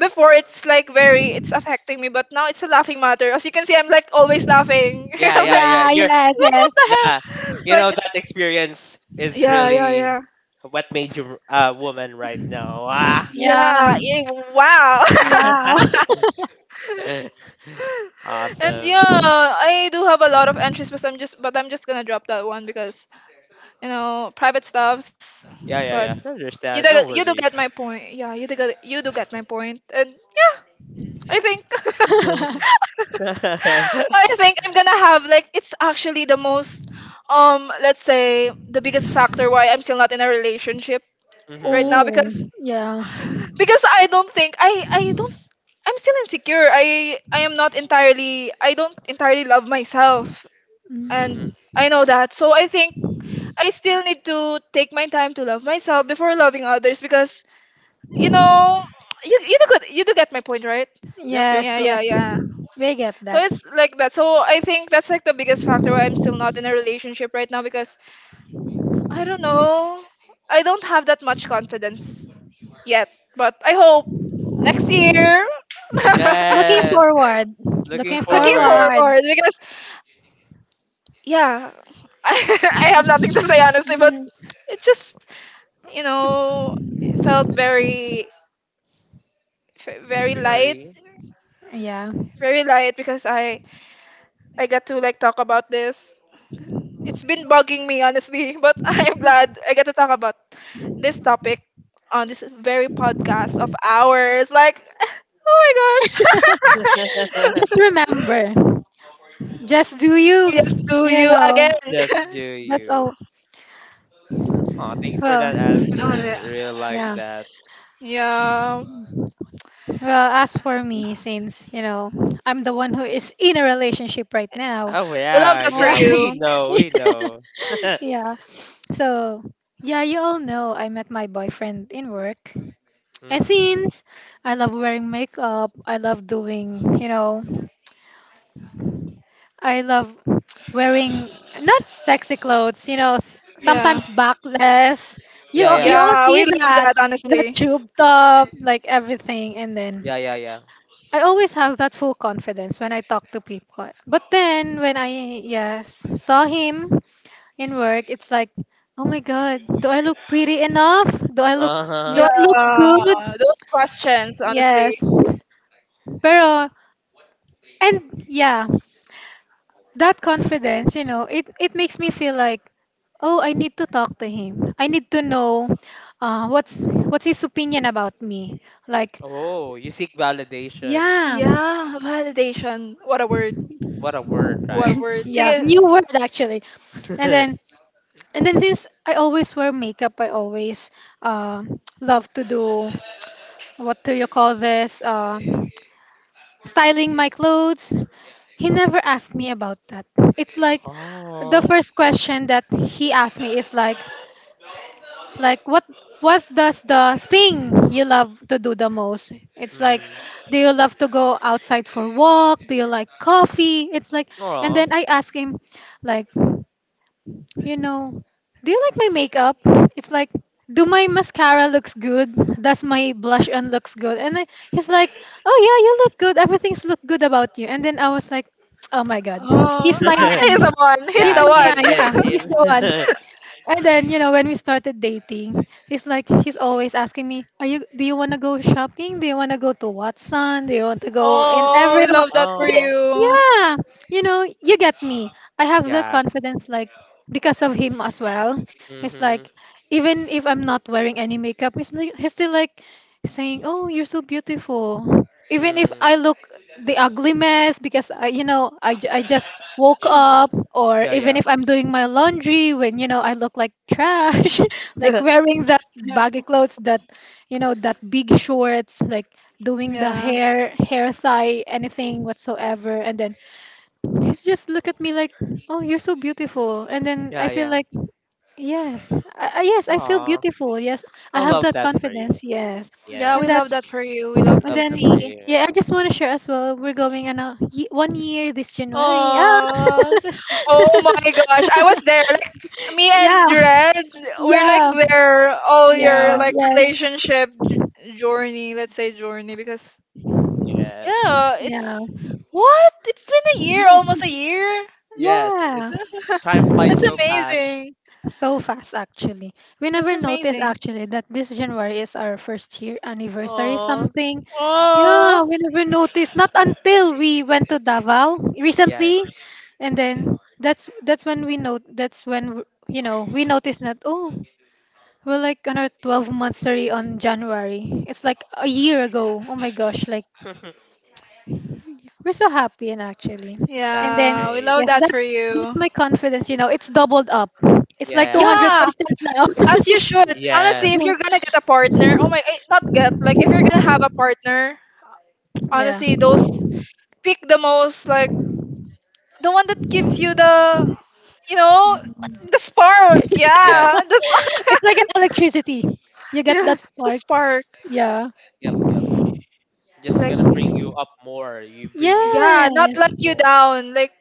A: before it's like very it's affecting me but now it's a laughing matter as you can see I'm like always laughing.
B: Yeah,
A: I
B: yeah, yeah.
C: Yeah, yes,
A: what
C: yes.
A: the hell?
B: Nah, you
A: Like,
B: know that experience is
A: yeah, yeah, yeah,
B: really what made you a woman right now. Ah.
C: Yeah,
A: yeah. Yeah wow.
C: wow.
A: And
B: Awesome.
A: yeah, I do have a lot of entries, but I'm just gonna drop that one because you know private stuffs.
B: Yeah, yeah,
A: But
B: yeah. I understand. No
A: you do get
B: worries.
A: my point. Yeah, you do get my point. And I think
B: Mhm.
A: I think I'm gonna have like it's actually the most let's say the biggest factor why I'm still not in a relationship right now
B: Mhm.
A: because
C: Ooh, yeah.
A: I don't think I don't s- I'm still insecure. I am not entirely I don't entirely love myself and
C: Mm.
B: Mm-mm.
A: I know that. So I think I still need to take my time to love myself before loving others because you know you do get my point, right?
B: Yep, yep,
C: Yes,
B: yep.
C: yes.
A: Yeah.
C: We get
A: So
C: that.
A: it's like that. So I think that's like the biggest factor why I'm still not in a relationship right now because I don't know. I don't have that much confidence yet, but I hope next year.
C: Looking
B: Yes.
C: forward.
B: Looking
C: Looking
A: Looking
B: forward.
C: forward.
A: forward because yeah, I have nothing to say honestly, but it just you know it felt very very light,
B: Very.
C: Yeah.
A: very light because I got to like talk about this. It's been bugging me honestly, but I'm glad I get to talk about this topic on this very podcast of ours. Like, oh my gosh,
C: Just remember. Just do you,
A: yes, to
C: you
A: you
C: know.
A: again.
B: Just do
C: That's
B: you.
C: all.
B: Oh, thank you for
C: Well,
B: that
A: Oh,
B: answer.
A: yeah.
B: Really like
C: yeah.
B: that.
A: Yeah,
C: Well, as for me, since, you know, I'm the one who is in a relationship right now.
B: Oh
A: we love
B: yeah,
A: that for
B: yeah. We
A: you.
B: know. We know.
C: yeah. So, yeah, you all know I met my boyfriend in work. And
B: Mm-hmm.
C: since I love wearing makeup, I love doing, you know, I love wearing not sexy clothes, you know, s-
A: Yeah.
C: sometimes backless.
B: Yeah,
C: You
B: yeah,
C: you all
B: yeah,
A: Yeah,
C: see
A: we love
C: that
A: that,
C: the
A: honestly.
C: tube top, like everything. And then
B: yeah, yeah, yeah.
C: I always have that full confidence when I talk to people. But then when I yes saw him in work, it's like, oh my god, do I look pretty enough?
B: Uh
C: Do I
B: huh.
C: look
A: Yeah,
C: good?
A: those questions, honestly.
C: Yes. Pero and yeah, that confidence, you know, it makes me feel like, oh, I need to talk to him. I need to know, what's his opinion about me. Like,
B: Oh, you seek validation.
C: yeah,
A: Yeah, validation. What a word.
B: What a word,
A: What a
B: right?
A: word.
C: yeah,
A: Sige.
C: new word actually. And then And then since I always wear makeup, I always, uh, love to do, what do you call this? Styling my clothes. He never asked me about that. It's like the
B: Oh.
C: first question that he asked me is like what does the thing you love to do the most? It's like,
B: Mm-hmm.
C: do you love to go outside for walk? Do you like coffee? It's like, and
B: Oh.
C: then I ask him, like, you know, do you like my makeup? It's like, do my mascara looks good? Does my blush on looks good? And I, he's like, oh yeah, you look good. Everything's look good about you. And then I was like, oh my god,
A: Oh,
C: he's my
A: ah,
C: man.
A: he's the one. He's
C: He's
B: Yeah,
A: the
C: my
B: he
C: man.
B: is.
C: Yeah,
A: one.
B: He
C: he's the one.
B: is.
C: And then, you know, when we started dating, he's like he's always asking me, "Are you do you want to go shopping? Do you want to go to Watson? Do you want to go in
A: oh,
C: every
A: we
C: wa-
A: love that for
C: Th-
B: Oh.
A: you.
C: Yeah. You know, you get me. I have that
B: Yeah.
C: confidence like because of him as well. It's like
B: Mm-hmm.
C: even if I'm not wearing any makeup, he's, like, he's still like saying, "Oh, you're so beautiful." Even if
B: Mm.
C: I look the ugly mess because you know ju- I just woke up, or
B: Yeah,
C: even
B: yeah.
C: if I'm doing my laundry, when, you know, I look like trash, like wearing that
A: Yeah.
C: baggy clothes, that you know that big shorts, like doing the
A: Yeah.
C: hair tie, anything whatsoever. And then he's just look at me like, oh, you're so beautiful. And then I
B: Yeah,
C: feel
B: yeah.
C: like, yes yes I feel
B: Aw,
C: beautiful, yes I
B: I
C: have
B: love
C: that
B: that for you.
C: confidence, yes.
A: Yeah,
C: And
A: we
B: Yes,
A: love
C: that's,
A: that for you. We love
C: and
B: love
A: to
B: that
C: then,
B: for
A: see.
B: you.
C: yeah, I just want to share as well. We're going on a ye- 1 year this January. Ah,
B: Aw,
A: Oh my gosh, I was there. Like me
C: yeah,
A: and Red, we're like
C: yeah,
A: there all your
B: yeah,
C: yes,
A: like
C: yes,
A: relationship journey, let's say journey because
B: yes,
A: yeah, it's
C: yeah,
A: What? It's been a year, almost a year.
B: yes.
C: yeah.
B: It's time flies
A: That's
B: so fast.
A: amazing.
C: So fast, actually. We
A: That's
C: never noticed
A: amazing.
C: actually that this January is our first year anniversary.
B: Aw,
C: Something, yeah,
A: Oh,
C: we never noticed. Not until we went to Davao
B: yeah,
C: recently, and then that's when we know. That's when w- you know we noticed that. Oh, we're like on our 12-month sorry, on January. It's like a year ago. Oh my gosh, like we're so happy and actually. And
B: that's
C: then
A: yeah. We
B: great.
A: love
C: yes,
A: that for
C: that's
A: you.
C: my confidence, you know. It's doubled up. It's like
B: Yeah,
A: Yeah,
C: 200% now.
A: as you should. Honestly, if
B: yes,
A: you're gonna get a partner, oh my, eh, not get, like if you're gonna have a partner,
C: yeah.
A: honestly, those pick the most, like the one that gives you the, you know,
C: Mm.
A: the spark.
B: yes,
A: Yeah, the spark.
C: It's like an electricity. You get
A: Yeah,
C: that
A: the
C: spark.
A: spark.
C: Yeah.
B: yep, yep. Just
A: Like,
B: gonna bring you up more. You bring your
A: yeah,
C: Yeah.
A: not
B: confidence
A: let you
B: more.
A: down. Like,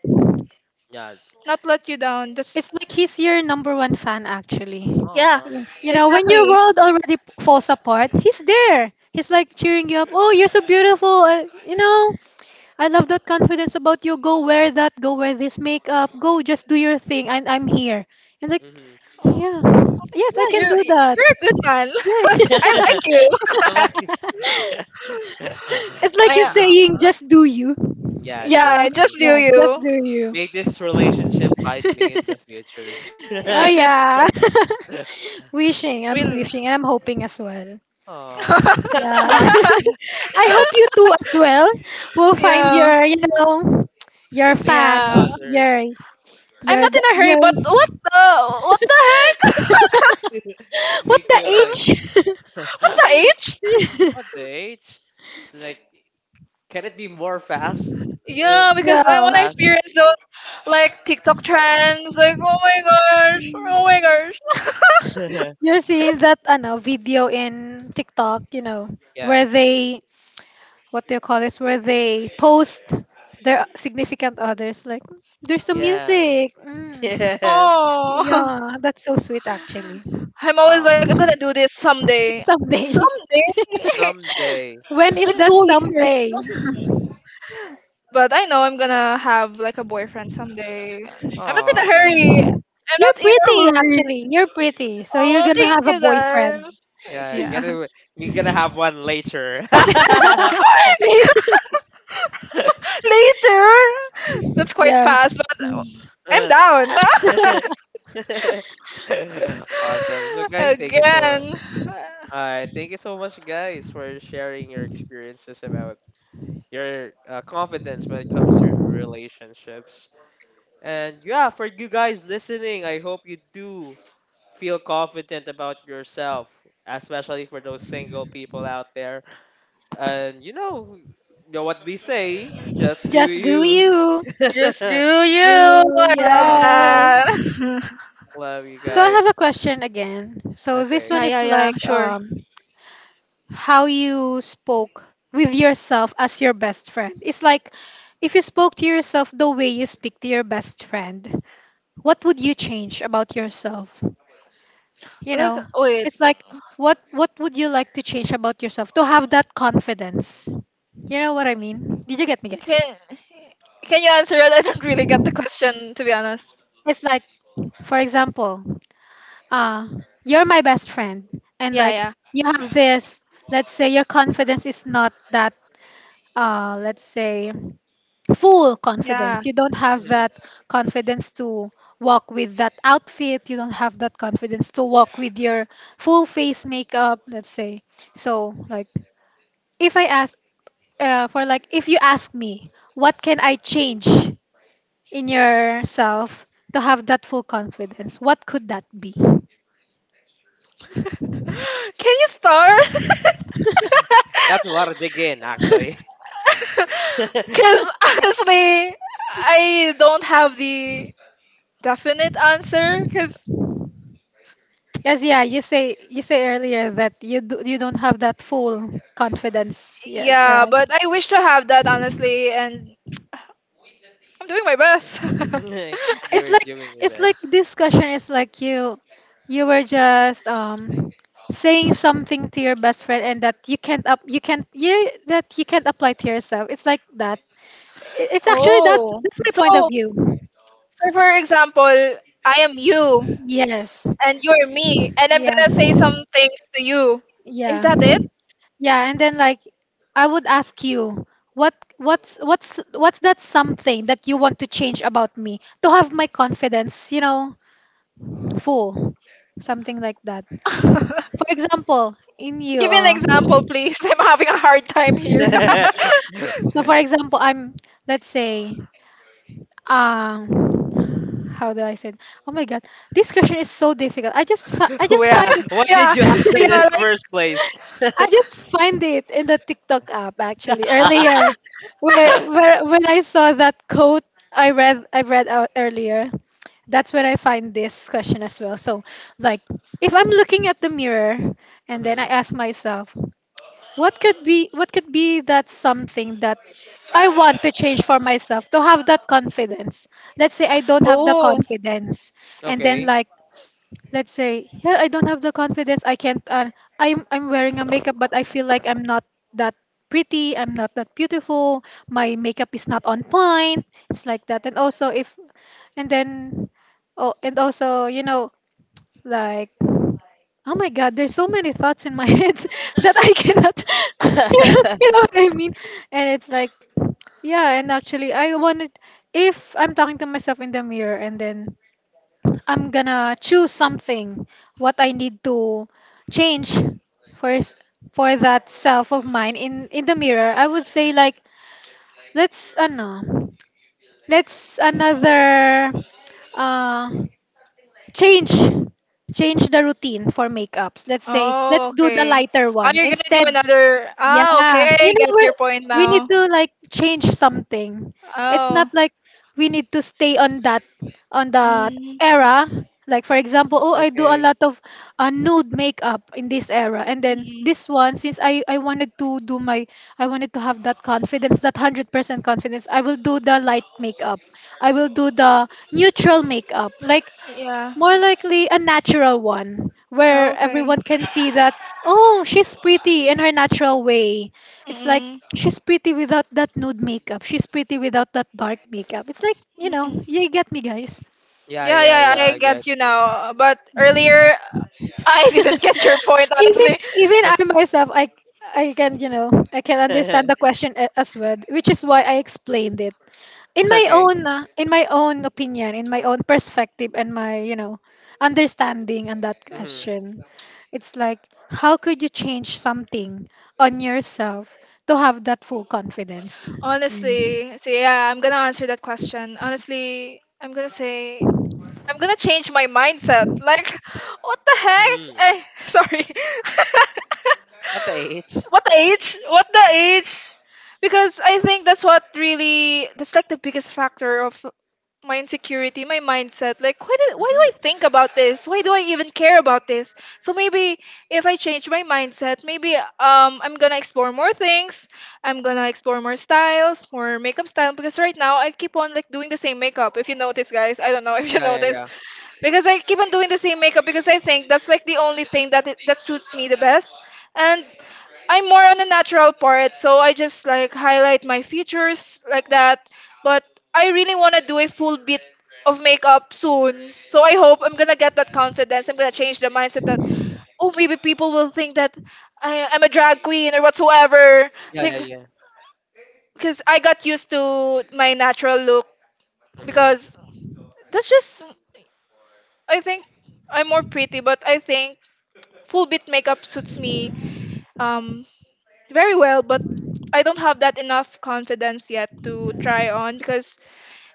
B: Yeah.
A: not let you down. That's
C: It's like he's your number one fan actually.
A: Yeah,
B: Aw,
C: Yeah. You know, when your
A: exactly.
C: world already falls apart, he's there. He's like cheering you up. Oh, you're so beautiful. You know, I love that confidence about you. Go wear that. Go wear this makeup. Go just do your thing. And I'm here. And like,
B: mm-hmm.
A: Oh.
C: yeah, yes, I
A: Yeah,
C: can
A: you're
C: do that.
A: you're a good man.
C: Yeah.
A: I like you.
B: I like you.
C: It's like
A: I,
C: he's
A: uh,
C: saying, just do you.
B: Yeah,
A: yeah,
C: Yeah,
A: I
B: just
A: just knew
C: yeah, just
A: you.
C: do you.
B: May this relationship find me in the future.
C: yeah. Wishing. I'm
A: Will.
C: wishing and I'm hoping as well.
B: Aw.
C: Yeah. I hope you too as well will find
A: yeah.
C: your, you know, your fan.
B: Significant
A: Yeah.
B: other.
C: Your,
A: I'm
C: your,
A: not
C: the
A: in a hurry,
C: your,
A: but what the heck?
C: what
B: Me
C: the
B: too.
C: age?
B: Like,
A: What the age?
B: what the age? Like, can it be more fast?
A: Yeah,
B: Can
A: because
B: it be
A: I
C: yeah.
A: wanna
B: faster?
A: experience those like TikTok trends, like oh my gosh, oh my gosh.
C: You're seeing that ano, video in TikTok, you know,
B: Yeah.
C: where they, what do you call this? Where they post their significant others, like there's some
B: Yeah.
C: music. Mm.
B: Yes.
A: Oh
C: Yeah, that's so sweet actually.
A: I'm always
B: Ah,
A: like I'm gonna do this someday.
C: Someday.
A: Someday
B: someday.
C: When
A: It's
C: is
A: been
C: that
A: 2 years,
C: someday?
A: but I know I'm gonna have like a boyfriend someday. I'm not in a
B: Oh,
A: hurry. I'm
C: You're
A: not in a
C: pretty
A: hurry.
C: actually. You're pretty. So you're
A: Oh,
C: gonna
A: thank
C: have a
A: you
C: boyfriend.
A: guys.
B: yeah. You're
A: Yeah.
B: gonna you're gonna have one later.
A: Later. That's quite
C: yeah.
A: fast, but I'm down.
B: Awesome. So, guys, thank you so
A: Again.
B: Alright, thank you so much, guys, for sharing your experiences about your confidence when it comes to relationships. And yeah, for you guys listening, I hope you do feel confident about yourself, especially for those single people out there. And you know what we say, just do
C: Do
B: you.
C: you?
A: Just do you.
C: You
A: I love
C: yeah.
B: Awesome.
A: that.
B: Love you
C: So I have a
B: guys.
C: question again. So this
A: Yeah,
C: one
B: Okay.
A: yeah,
C: is
A: yeah.
C: like,
A: Sure.
C: um, how you spoke with yourself as your best friend. It's like if you spoke to yourself the way you speak to your best friend, what would you change about yourself? You
A: Like,
C: know,
A: wait.
C: it's like what would you like to change about yourself to have that confidence? You know what I mean? Did you get me, guys?
A: Can Can you answer it? I don't really get the question, to be honest.
C: It's like, for example, uh you're my best friend, and
A: Yeah,
C: like
A: yeah.
C: you have this, let's say your confidence is not that, let's say full
A: Yeah.
C: confidence. You don't have
B: Mhm.
C: that confidence to walk with that outfit. You don't have that confidence to walk with your full face makeup, let's say. So, like, if I ask, for like, if you ask me, what can I change in yourself to have that full confidence? What could that be?
A: Can you start?
B: That's a lot of dig in, actually.
A: Because honestly, I don't have the definite answer. Because,
C: Because yeah, you say earlier that you do, you don't have that full confidence. Yeah,
A: yeah, but I wish to have that, honestly, and I'm doing my best.
C: it's
B: You're
C: like
B: doing your
C: it's like
B: best.
C: this question is like you were just, saying something to your best friend, and that you can't up you can't you that you can't apply to yourself. It's like that. I- it's actually
A: Oh.
C: that's my
A: So,
C: point of
A: so,
C: view.
A: for example, I am you,
C: Yes,
A: and you're me, and I'm
C: yeah
A: going to say some things to you. Is
C: yeah,
A: that it?
C: yeah. And then like I would ask you, what's that something that you want to change about me to have my confidence, you know, full, something like that. For example, in you,
A: Give me an example, please. I'm having a hard time here.
C: so for example, I'm, let's say, um how do I say it? Oh my god, this question is so difficult. I
B: Well,
C: just find
B: yeah,
C: it,
B: why did
A: Yeah,
B: you ask
A: yeah,
B: that in the
A: like,
B: first place?
C: I just find it in the TikTok app actually earlier, where when I saw that quote I read out earlier. That's where I find this question as well. So like if I'm looking at the mirror, and then I
B: Hmm.
C: ask myself, what could be that something that I want to change for myself to have that confidence. Let's say I don't have the
A: oh,
C: confidence, and then
B: Okay.
C: like let's say, yeah, I don't have the confidence. I can't I'm wearing a makeup, but I feel like I'm not that pretty, I'm not that beautiful, my makeup is not on point. It's like that. And also, if, and then, oh, and also, like, oh my god, there's so many thoughts in my head that I cannot you know what I mean. And it's like, yeah. And actually I wanted, if I'm talking to myself in the mirror and then I'm gonna choose something, what I need to change, for s- for that self of mine in the mirror. I would say like, let's ano let's another uh change, change the routine for makeups. Let's say
A: oh,
C: let's do the
A: okay.
C: lighter
A: Oh,
C: one
A: you're gonna do
C: instead.
A: another. Ah,
C: Yeah,
A: okay, I
C: you know,
A: get
C: we
A: your point
C: we need
A: now.
C: to like change something. It's not
A: Oh,
C: like we need to stay on that
A: mm,
C: era. Like for example, oh, I do a
B: Okay.
C: lot of nude makeup in this era, and then
A: mm,
C: this one, since I wanted to have that confidence, that 100% confidence. I will do the light makeup. I will do the neutral
B: Hmm.
C: makeup. Like,
A: yeah,
C: more likely a natural one where
A: okay.
C: everyone can see that, oh, she's pretty in her natural way. It's like,
A: Mm,
C: she's pretty without that nude makeup. She's pretty without that dark makeup. It's like, you
A: mm.
C: know, you get me, guys.
B: Yeah,
A: Yeah,
B: yeah,
A: yeah,
B: yeah.
A: I
B: I get
A: get you
B: you.
A: now. But earlier, I didn't get your point,
C: Even
A: honestly.
C: even I myself, I can, you know, I can understand the question as well, which is why I explained it,
B: Okay.
C: in my own opinion, in my own perspective, and my, you know, understanding on that
B: Mm-hmm.
C: question. It's like, how could you change something on yourself to have that full confidence. Mm.
A: Honestly, so yeah, I'm gonna answer that question. Honestly, I'm gonna say I'm gonna change my mindset. Like, what the
B: Mm-hmm.
A: heck? Sorry.
B: What the age?
A: What age? What the age? Because I think that's what really that's like the biggest factor of my insecurity, my mindset. Like why
B: Mm-hmm.
A: do I think about this? Why do I even care about this? So maybe if I change my mindset, maybe I'm gonna explore more things. I'm gonna explore more styles, more makeup style because right now I keep on like doing the same makeup. If you notice guys, I don't know if you
B: Yeah, yeah,
A: notice.
B: yeah.
A: Because I keep on doing the same makeup because I think that's like the only thing that suits me the best. And I'm more on the natural part, so I just like highlight my features like that. But I really want to do a full bit of makeup soon. So I hope I'm gonna get that confidence. I'm gonna change the mindset that oh maybe people will think that I'm a drag queen or whatsoever.
B: Yeah,
A: Like
B: yeah, yeah.
A: because I got used to my natural look
B: Mm-hmm.
A: because that's just I think I'm more pretty, but I think full bit makeup suits me. Um, very well, but I don't have that enough confidence yet to try on because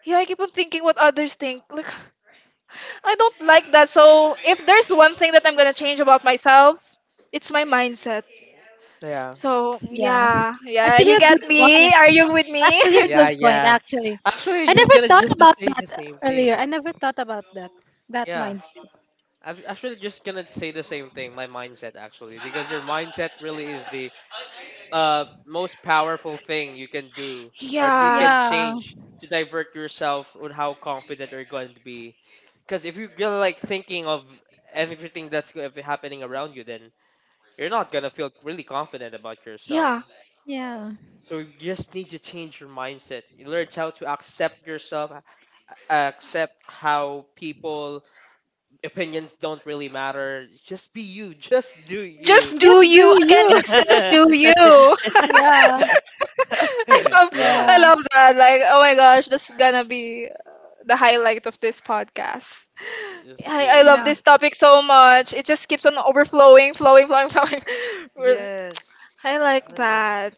A: yeah, I keep on thinking what others think. Like I don't like that. So if there's one thing that I'm gonna change about myself, it's my mindset.
B: Yeah.
A: So
C: Yeah,
A: yeah, yeah,
C: actually
A: you
C: a
A: get
C: good point,
A: me? Are you with me?
C: actually a
B: Yeah,
C: good point,
B: yeah.
C: actually.
B: Actually,
C: I
B: I was
C: never
B: gonna
C: thought
B: just to
C: about
B: say
C: that,
B: the same
C: earlier I
B: thing.
C: never thought about that, that
B: Yeah.
C: mindset.
B: I'm actually just gonna say the same thing, my mindset actually, because your mindset really is the most powerful thing you can do or you
A: Yeah.
B: can change to divert yourself on how confident you're going to be, because if you're gonna like thinking of happening around you, then you're not gonna feel really confident about yourself.
A: Yeah.
C: Yeah,
B: So you just need to change your mindset, you learn how to accept how people opinions don't really matter, just be you. Just do you.
A: Just do
C: just
A: you.
C: do
A: Again,
C: you.
A: guys, just do you.
C: Yeah.
A: Love,
C: Yeah,
A: I
B: Yes,
A: love that. Like, oh my gosh, that's gonna be the highlight of this podcast.
B: just do
A: I love
C: yeah.
A: this
B: you.
A: topic so much. It just keeps on overflowing, flowing, flowing, flowing. We're-
B: Yes.
A: I like
B: And, uh,
A: that.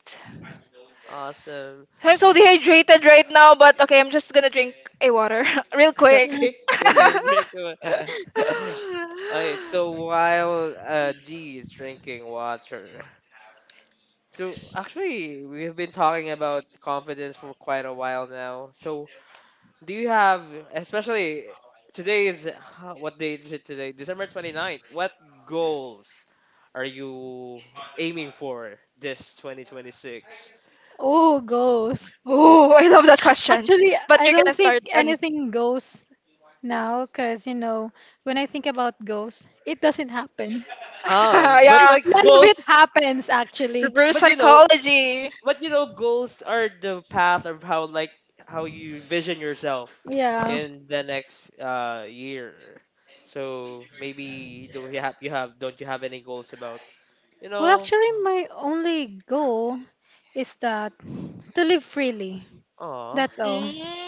B: Awesome.
A: I'm so dehydrated right now, but okay, I'm just gonna drink a water real quick.
B: Okay. You're gonna Okay, so while G is drinking water. So actually we have been talking about confidence for quite a while now. So do you have, especially today is huh, what day is it today? December 29th. What goals are you aiming for this 2026?
C: Oh goes.
A: Oh, I love that question.
C: Actually,
A: But
C: I
A: you're
C: don't
A: gonna start,
C: think
A: Danny.
C: anything goes now because, you know, when I think about ghosts, it doesn't happen.
B: Ah, but
A: Yeah,
B: like
C: None of it
B: goals,
C: happens, actually.
A: reverse
B: but you know,
A: psychology.
B: but you know goals are the path of how like how you vision yourself
C: Yeah.
B: in the next year. So maybe do you have, you have, don't you have any goals about, you
C: Well,
B: know.
C: actually, my only goal is that to live freely.
B: Oh.
C: That's all.
A: Mm.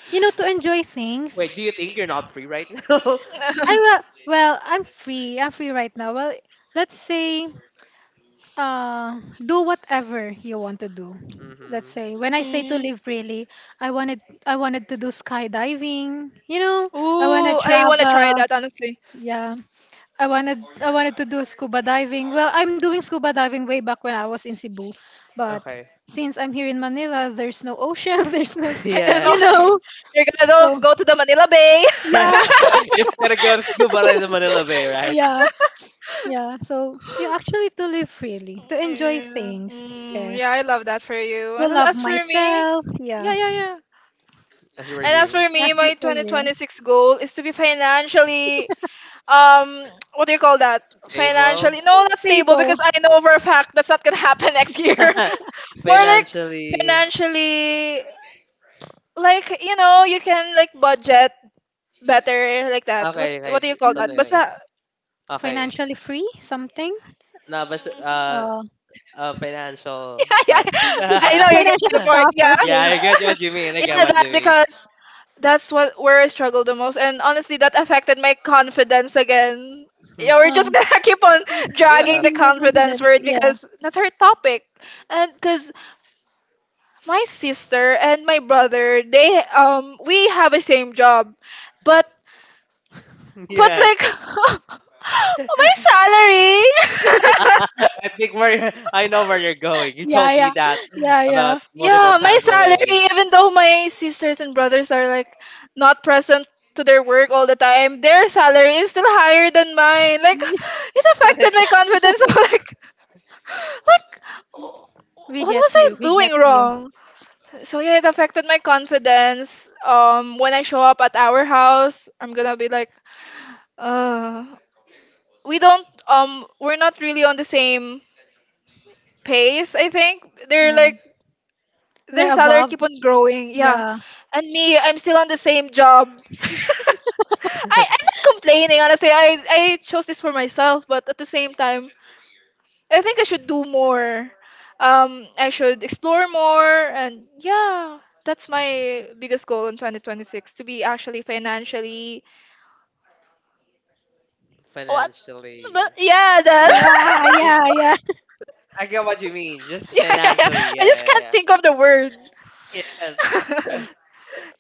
C: You know,
B: Mm.
C: to enjoy things.
B: Wait, do you think you're not free right now?
C: I will, well, I'm free. I'm free right now. Well, let's say uh do whatever you want to do. Let's say
B: Mm-hmm.
C: when I say to
A: Mm.
C: live freely, I wanted to do skydiving, you know. I want to
A: Ooh, I wanna
C: travel,
A: try that honestly.
C: yeah. I wanted to do scuba diving. Well, I'm doing scuba diving way back when I was in Cebu, but
B: Okay.
C: since I'm here in Manila, there's no ocean there's no,
A: There's
B: Yeah.
A: no
C: you know.
A: you're gonna go
C: So,
A: go to the Manila Bay.
C: yeah.
B: It's gonna go to scuba dive in Manila Bay, right?
C: Yeah. Yeah, so yeah, actually, to live freely, to enjoy
A: Yeah,
C: things.
A: mm, yeah,
C: Yes,
A: I love that for you.
C: to love
A: As for me,
C: myself,
A: yeah,
C: yeah.
A: yeah, yeah.
B: As were
A: And as
B: you
A: for me,
C: That's
A: my
C: it for you.
A: 2026 goal is to be financially, what do you call that?
B: stable.
A: Financially, no, not stable
C: Stable.
A: because I know for a fact that's not gonna happen next year. More like
B: Financially.
A: financially, like you know, you can like budget better like that.
B: Okay,
A: What
B: okay,
A: do you call that?
B: something like
C: Mm.
A: Basta,
B: that. Okay
C: Financially free, something.
B: now, but
C: Uh,
B: financial
A: yeah,
B: stuff.
A: I
B: Yeah,
A: know you get
C: Financial
A: my point.
C: stuff.
A: Yeah,
C: Okay.
B: I get what you mean. I get
A: yeah,
B: what
A: that
B: you mean.
A: because that's what where I struggle the most, and honestly, that affected my confidence again. Yeah, we're just gonna keep on dragging
B: Yeah,
A: the
C: No
A: confidence
C: confidence.
A: word
C: Yeah.
A: because that's our topic, and because my sister and my brother, they we have a same job, but but
B: yes.
A: like
B: I
A: my salary.
B: think where I know where you're going. You told me that
C: Yeah. Yeah.
B: about multiple
A: Yeah, my
B: times already.
A: salary, even though my sisters and brothers are like not present to their work all the time, their salary is still higher than mine. Like
C: Mm.
A: it affected my confidence. I'm like
C: We
A: what
C: get
A: was I
C: you. We
A: doing
C: get you.
A: wrong? So yeah, it affected my confidence. When I show up at our house, I'm gonna be like, uh, we don't we're not really on the same pace. I think they're like their
C: They're
A: salary
C: above.
A: keep on growing. Yeah.
C: Yeah.
A: And me, I'm still on the same job. I'm not complaining, honestly. I chose this for myself, but at the same time, I think I should do more. I should explore more, and yeah, that's my biggest goal in 2026 to be actually financially what? But
B: Financially,
A: yeah, that.
B: but
C: Yeah.
B: just-
C: Yeah. Yeah.
B: I get what you mean. Just
A: Yeah, yeah, yeah.
B: financially,
A: I
B: yeah,
A: just
B: yeah,
A: can't
B: yeah.
A: think of the word.
B: Yes.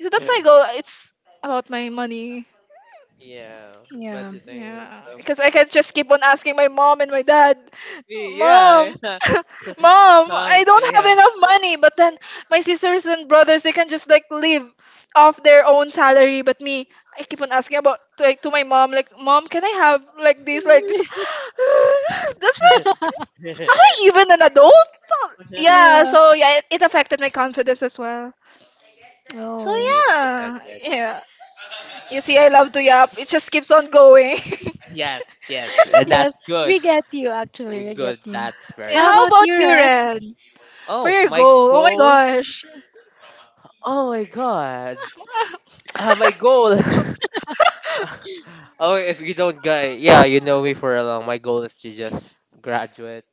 A: So that's my goal. It's about my money.
B: Yeah,
C: Yeah.
B: budgeting and
A: Yeah,
B: stuff.
A: because I can just keep on asking my mom and my dad, Mom,
B: Yeah, yeah.
A: Mom, I
B: Um, can
A: don't
B: I
A: have
B: have?
A: enough money. But then my sisters and brothers, they can just like live off their own salary. But me, I keep on asking like, to my mom, like, Mom, can I have like this, like this? That's like, am I even an adult? Yeah,
C: Yeah.
A: so yeah, it affected my confidence as well. So
C: Oh.
B: Release
A: yeah,
B: dependent.
A: yeah. You see, I love to yap. It just keeps on going.
B: Yes, yes, and
C: Yes.
B: that's
C: We
B: good.
C: get you.
B: We
C: Actually. We get.
B: good. That's very
C: How
A: How
B: good.
C: about
A: about
C: you,
A: you,
C: Red?
A: Ren? For
B: Oh,
A: your
B: my
A: goal. Oh my
B: goal.
A: gosh.
B: Oh my god. Ah, my goal. Oh, if you don't get, yeah, you know me for a long. My goal is to just graduate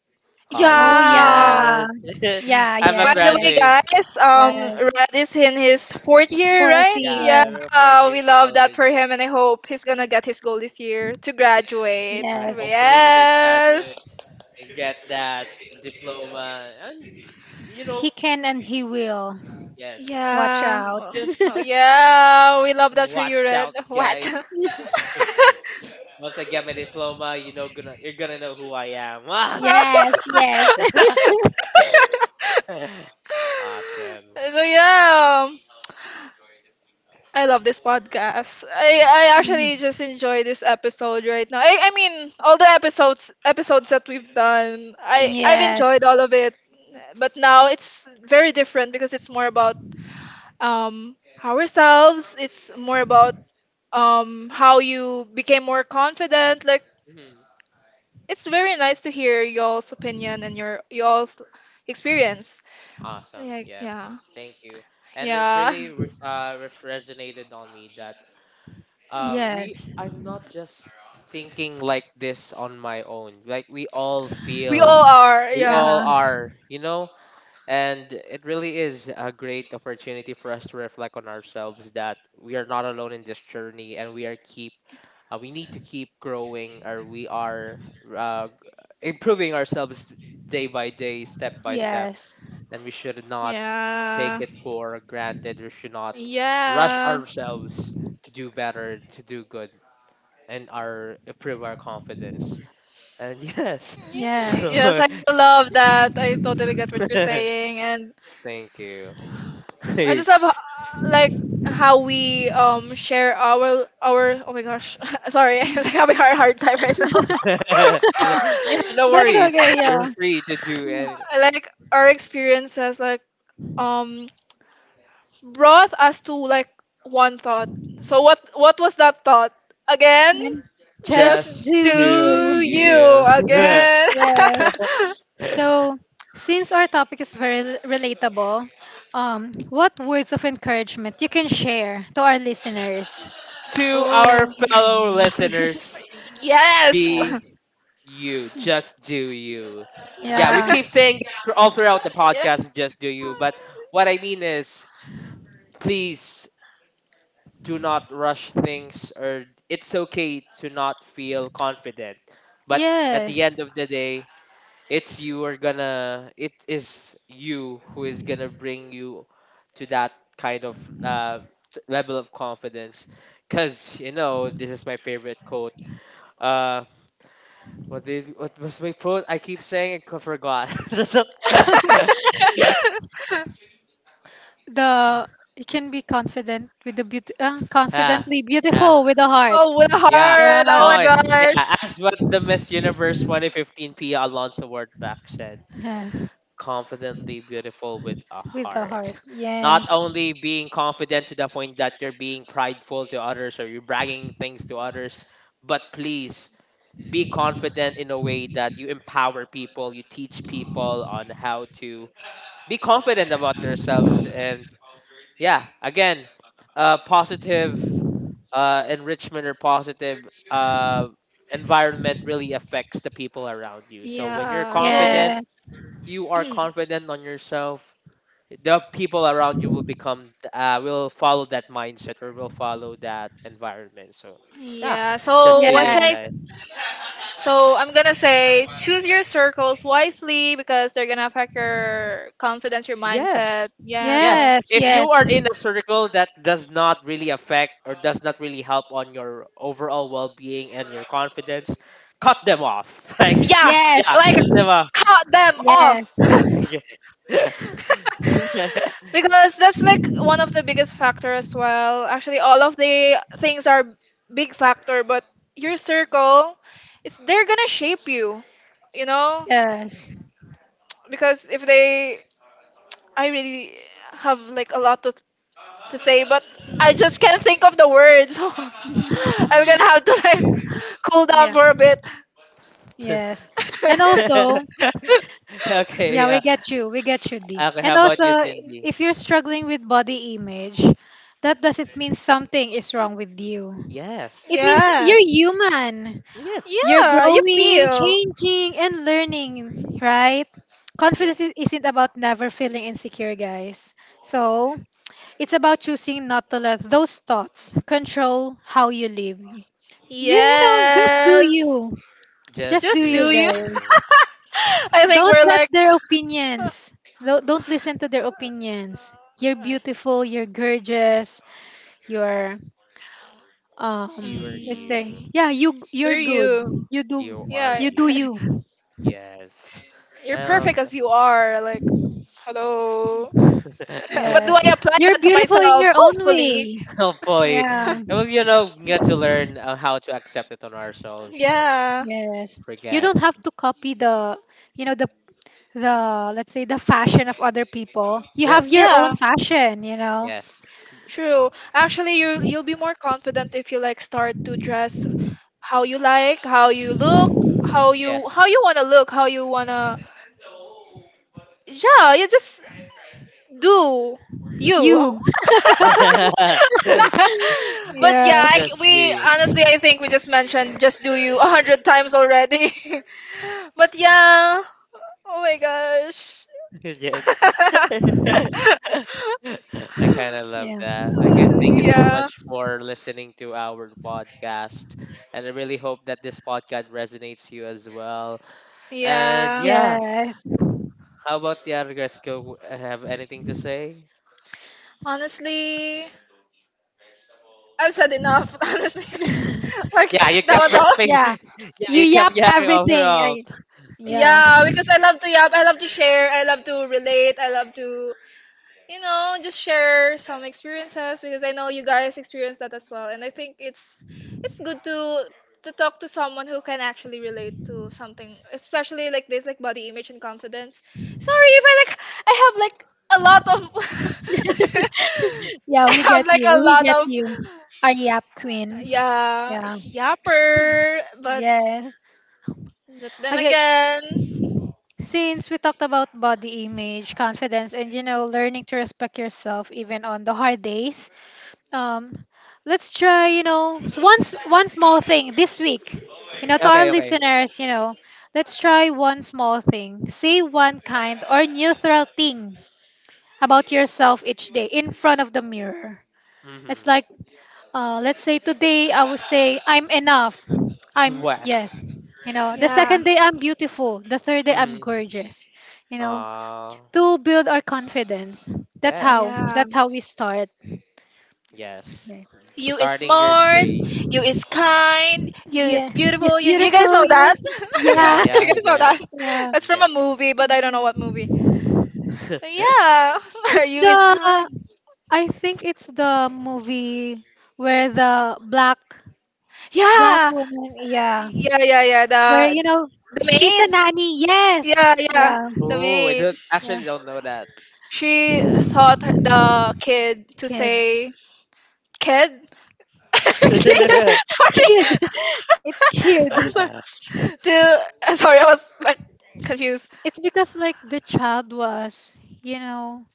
C: Oh,
B: college.
A: Yeah.
C: yeah.
B: Yes,
C: Yeah.
B: I'm a
A: By the way,
B: graduate.
A: guys,
C: Yes.
A: Red is in his fourth year,
C: For a
A: right?
B: Yeah,
C: fear.
B: I'm a four
A: Yeah,
B: year
A: we love that
B: college.
A: for him, and I hope he's gonna get his goal this year to
B: Yeah,
A: graduate.
B: right.
C: Yes.
B: Hopefully we can
A: Yes.
B: graduate and get that diploma, and you
C: He
B: know,
C: can and he will.
B: yes,
C: Watch
A: Yeah.
B: and
C: out.
A: Oh,
B: just
A: oh, yeah. We love that for you,
B: watch
A: Red.
B: out,
A: What?
B: guys.
A: So
B: Once I get my diploma, you know, gonna you're gonna know who I am.
C: Yes. Yes.
B: Awesome.
A: yeah. I love this podcast. I
B: Ye-
A: actually just enjoy this episode right now. I mean all the episodes that we've done.
B: Yep.
A: I've
C: Yes.
A: enjoyed all of it, but now it's very different because it's more about um ourselves. It's more about how you became more confident. Like
B: Hmm.
A: it's very nice to hear y'all's opinion and your y'all's experience.
B: Awesome.
A: Like
B: Yeah.
A: yeah
B: Thank you. And it
A: yeah,
B: really resonated on me that we
C: Yes.
B: I'm not just thinking like this on my own. Like we all
A: we
B: feel,
A: all are
B: we
A: yeah.
B: all
C: Yeah.
B: are, you know? And it really is a great opportunity for us to reflect on ourselves that we are not alone in this journey, and we are keep, we need to keep growing, or we are uh, improving ourselves day by day, step by step,
C: Yes.
B: and we should not take it
A: Yeah.
B: for granted. We should not rush
A: Yeah.
B: ourselves to do better, to do good, and our improve our confidence. And yes,
C: Yeah.
B: so
A: Yes, I love that. I totally get what you're saying, and
B: thank you.
A: I just love like how we share our. Oh my gosh, sorry, I'm like having a hard, hard time right now.
B: Yeah, no
C: That's
A: like
B: worries.
C: okay.
B: You're
C: Yeah.
B: free to do any.
A: like our experiences like um brought us to like one thought. So what was that thought again?
C: And
A: Just
C: just
B: Just
C: do
B: do
A: do
C: you.
B: you.
A: you again.
C: Yes. So, since our topic is very relatable, what words of encouragement you can share to our listeners?
B: To our
A: Oh.
B: fellow listeners,
A: Yes.
B: be you. Just do you. Yeah, we keep all throughout the
A: Yeah.
B: podcast, just do you. But what I mean is, please do not rush things, or it's okay to not feel confident. But at the
C: Yes.
B: end of the day, it's you are gonna, it is you who is gonna bring you to that kind of level of confidence, because you know this is my favorite quote. uh what was my quote I keep saying it, I forgot.
C: The, you can be confident with the beauty,
B: Yeah,
C: confidently
B: yeah,
C: beautiful with the heart.
A: Oh, with a
B: yeah.
A: heart. Oh
C: Yeah.
A: my
B: Oh,
A: gosh.
B: yeah. As what the Miss Universe 2015 Pia Alonso Wordback said. Confidently beautiful with a heart.
C: Yeah.
B: Not only being confident to the point that you're being prideful to others or you're bragging things to others, but please be confident in a way that you empower people, you teach people on how to be confident about themselves. And yeah, again, positive enrichment or positive environment really affects the people around you. So when you're
A: Yeah. So,
B: confident,
C: Yes.
B: you are confident on yourself, the people around you will become will follow that mindset or will follow that environment. So yeah,
A: yeah.
B: just
A: So,
B: to
A: what
B: you
A: can I
C: Yes.
B: guys.
A: So I'm gonna say choose your circles wisely because they're gonna affect your confidence, your
B: Yes.
A: mindset. Yeah,
B: Yes,
A: so
C: Yes.
B: if
C: Yes.
B: you are in a circle that does not really affect or does not really help on your overall well-being and your confidence, cut them off. Like,
A: yeah
B: yeah,
C: Yes.
A: like
B: cut them off.
A: cut them
C: Yes.
A: off
B: Yeah.
A: because that's like one of the biggest factor as well actually all of the things are big factor but your circle it's they're gonna shape you you know
C: Yes.
A: because if they I really have like a lot to say but I just can't think of the words so I'm gonna
B: Mhm.
A: have to like cool down
C: Yeah.
A: for a bit
C: Yes. And also,
B: Okay,
C: yeah, we
B: yeah.
C: get you. We get you, D.
B: Okay, how
C: And
B: about you,
C: also,
B: Cindy?
C: if you're struggling with body image, that doesn't mean something is wrong with you.
B: Yes,
C: It
B: it's
C: means
A: yes
C: you're human.
B: yes,
C: You're
A: yeah you
C: growing,
A: feel
C: changing, and learning, right?
B: yeah.
C: Confidence isn't about never feeling insecure, guys. So, it's about choosing not to let those thoughts control how you live. You know, just do
A: Yes.
C: you. Just
B: Just
C: do
B: do
A: Just
C: you,
A: do you.
C: guys.
B: it.
A: I think
C: Don't let their opinions. Don't listen to their opinions. You're beautiful, you're gorgeous, you're,
B: You
C: um,
B: are
C: let's
B: you.
A: mm,
C: say, yeah, you you're
A: you're
C: good.
A: you.
C: You do,
B: You are
A: Yeah.
C: you do
B: you.
C: you.
B: Yes.
A: You're
B: Um,
A: perfect as you are. Like, hello. But do
C: Yes.
A: I apply
C: You're
A: that to
C: beautiful in
A: myself?
C: your own
A: Hopefully.
C: way.
B: hopefully,
C: Yeah.
B: well, you know, get to learn how to accept it on ourselves and
A: Yeah.
C: Yes. You
B: forget.
C: don't have to copy the, you know, the let's say the fashion of other people. You have
B: Yes,
C: your own
A: Yeah,
C: fashion, you know.
B: yes,
A: true. Actually, you'll be more confident if you like start to dress how you like, how you look,
B: yes.
A: how you wanna look, how you wanna yeah, you just do you.
C: You.
A: But yeah, I
C: Yes.
A: c
B: Just
A: we
B: do.
A: honestly I think we just mentioned just do you 100 times already. But yeah, oh my gosh.
B: Yes. I kind of love
C: Yeah.
B: that. I guess thank you so
A: Yeah,
B: much for listening to our podcast. And I really hope that this podcast resonates you as well. And
A: yeah.
B: yeah,
C: Yes.
B: how about the other guys? Go Have anything to say?
A: Honestly, I've said enough. Honestly, like
B: Yeah, you
A: that
B: kept
A: was
B: rapping.
A: all.
C: Yeah.
B: Yeah,
C: You
B: you kept
C: yapped
B: yapping all
C: everything.
B: throughout.
C: I, yeah.
A: Yeah, because I love to yap, I love to share, I love to relate, I love to you know, just share some experiences because I know you guys experience that as well, and I think it's good to talk to someone who can actually relate to something, especially like this, like body image and confidence. Sorry if I like I have like a lot of
C: Yeah,
A: I
C: we get
A: have like
C: you.
A: a
C: We
A: lot
C: get
A: of
C: you. Our yap queen.
A: yeah
C: Yeah.
A: yapper,
C: Yes.
A: but then
C: Okay.
A: again
C: Since we talked about body image, confidence, and, you know, learning to respect yourself even on the hard days, um, let's try, you know, one small thing this week. You know, to our
B: Okay, okay.
C: listeners, you know, let's try one small thing. Say one kind or neutral thing about yourself each day in front of the mirror. It's
B: Mm-hmm.
C: like, let's say today I would say I'm enough. I'm,
B: West.
C: yes, you know. The
A: yeah
C: second day I'm beautiful. The third day I'm
B: Mm-hmm.
C: gorgeous. You know,
B: Uh,
C: to build our confidence. That's how.
B: yes.
A: yeah.
C: That's how we start.
B: Yes.
C: Yeah.
A: You is
B: Starting your
A: smart,
B: day.
A: you is kind, you is
C: Yeah. Yes,
A: beautiful. You guys
C: beautiful.
A: know
C: Yeah.
A: that?
B: Yeah,
C: Yeah.
B: yeah,
A: You guys know
B: yeah,
A: that?
C: Yeah.
A: That's from a
B: yeah.
A: movie, but I don't know what movie. But yeah,
C: It's
A: you is
C: the,
A: kind.
C: I think it's the movie where the black, black
A: Yeah,
C: woman, yeah,
A: yeah, yeah, yeah.
C: where, you know,
A: The
C: she's
A: maid.
C: a nanny. Yes.
A: Yeah, yeah,
C: Yeah.
A: the
B: Oh, I
A: maid.
B: don't
C: Yeah.
B: actually don't know that.
A: She thought the kid to
C: Kid.
A: say kid. Kid.
C: Kid.
A: Sorry.
C: It's kid.
A: The sorry, I was like confused.
C: It's because like the child was, you know,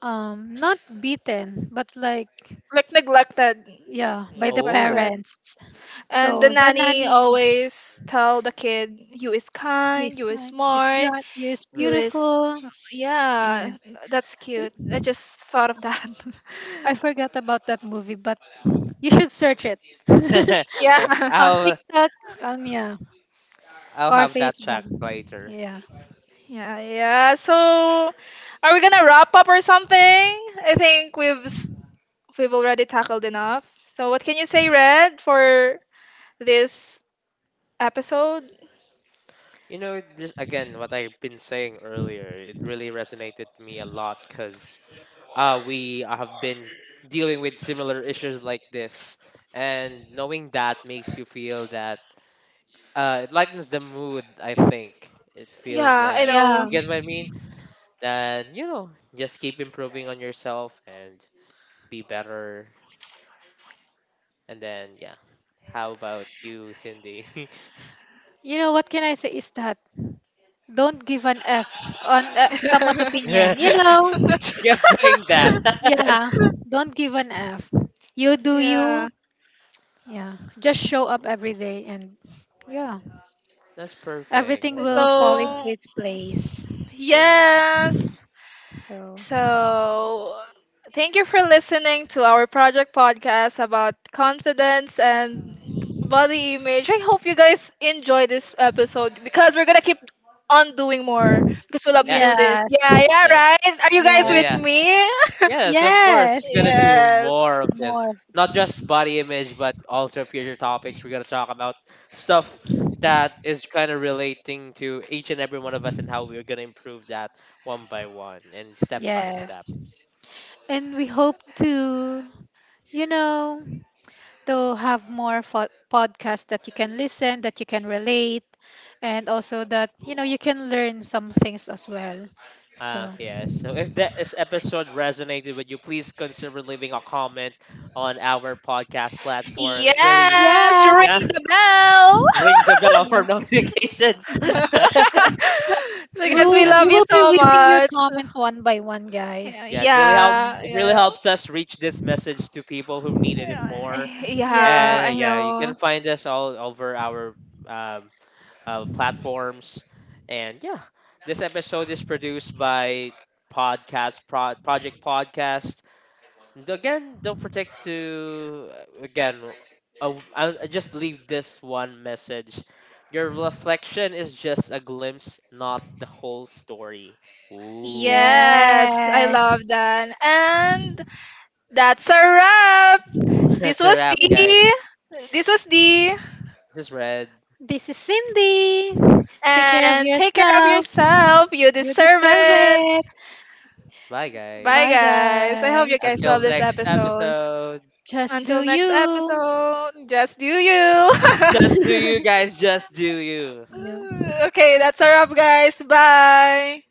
C: um, not beaten, but like,
A: Like neglected,
C: yeah, by the
A: neglected.
B: Oh,
C: parents.
A: And the
C: So the
A: nanny
C: nanny
A: always tell the kid, "You is kind,
C: is
A: you is
C: kind,
A: smart,
C: is
A: you
B: mm.
C: beautiful.
A: is."
C: Yeah.
A: Yeah, that's cute. I just thought of that.
C: I forgot about that movie, but you should search it
B: Uh,
A: Yeah.
C: on
B: I'll
C: TikTok, on, yeah,
B: I'll
C: or
B: have that
C: Facebook.
B: checked later.
C: Yeah,
A: Yeah, yeah. So, are we gonna wrap up or something? I think we've already tackled enough. So, what can you say, Red, for this episode?
B: You know, it just again what I've been saying earlier, it really resonated with me a lot because we have been dealing with similar issues like this, and knowing that makes you feel that it lightens the mood. I think it feels
A: Yeah, I
B: that you
C: yeah.
A: know.
B: get what I mean. Then you know, just keep improving on yourself and be better, and then yeah, how about you, Cindy?
C: You know what can I say is that don't give an F on, someone's
B: She
C: opinion. You know,
B: keeps doing that.
C: yeah, don't give an F. You do you.
A: yeah.
C: Yeah. Just show up every day and, yeah,
B: That's perfect,
C: everything
B: I
C: will
B: love
C: fall into
B: that
A: So,
C: its place.
B: thing.
A: Yes.
C: So,
A: So, thank you for listening to our project podcast about confidence and body image. I hope you guys enjoy this episode because we're going to keep on doing more because we love to do
B: Yes,
A: this.
C: yes,
A: Yeah, yeah,
B: yes,
A: right? Are you guys
C: yes,
A: with
B: yeah.
A: me?
B: Yes, of course. We're
C: yes,
B: gonna do
A: Yes.
B: more of this.
C: more.
B: Not just body image, but also future topics. We're gonna talk about stuff that is kind of relating to each and every one of us and how we're gonna improve that one by one and step by step.
C: And we hope to, you know, to have more podcasts that you can listen, that you can relate, and also that, you know, you can learn some things as well.
B: Ah, yes. So if that this episode resonated with you, please consider leaving a comment on our podcast platform. It really
A: Yes,
C: Yeah,
A: ring
B: yeah,
A: the bell.
B: ring the bell for notifications.
A: So
C: we
A: guys, we
C: will, we
A: love you
C: will be
A: so
C: reading your
A: much.
C: comments one by one,
A: Yeah,
C: guys.
B: Yeah, it really helps.
A: yeah.
B: It really
A: yeah.
B: helps us reach this message to people who needed it
A: Yeah,
B: more.
A: yeah,
C: Yes,
A: I
B: Yeah, you
A: know.
B: can find us all over our um, platforms. And yeah, this episode is produced by Project Podcast. And again, don't forget to again. I'll just leave this one message. Your reflection is just a glimpse, not the whole story. Ooh,
A: Yes, I
C: yes.
A: love that. And that's a wrap. This
B: that's a
A: was
B: wrap, guys.
A: the this was the
B: This is Red.
C: This is Cindy. Take care of
A: and take care of
C: yourself.
A: yourself. You
C: You
A: deserve
C: deserve
A: it.
C: it.
B: Bye,
A: Bye
C: Bye,
B: guys.
A: guys. I hope you
C: guys.
A: guys love
B: Until
A: this
B: next
A: episode.
B: episode.
C: Just do
A: Until next
C: you.
A: episode, just do you.
B: Just do you guys, just do you.
C: You
A: Okay, that's a wrap guys. Bye.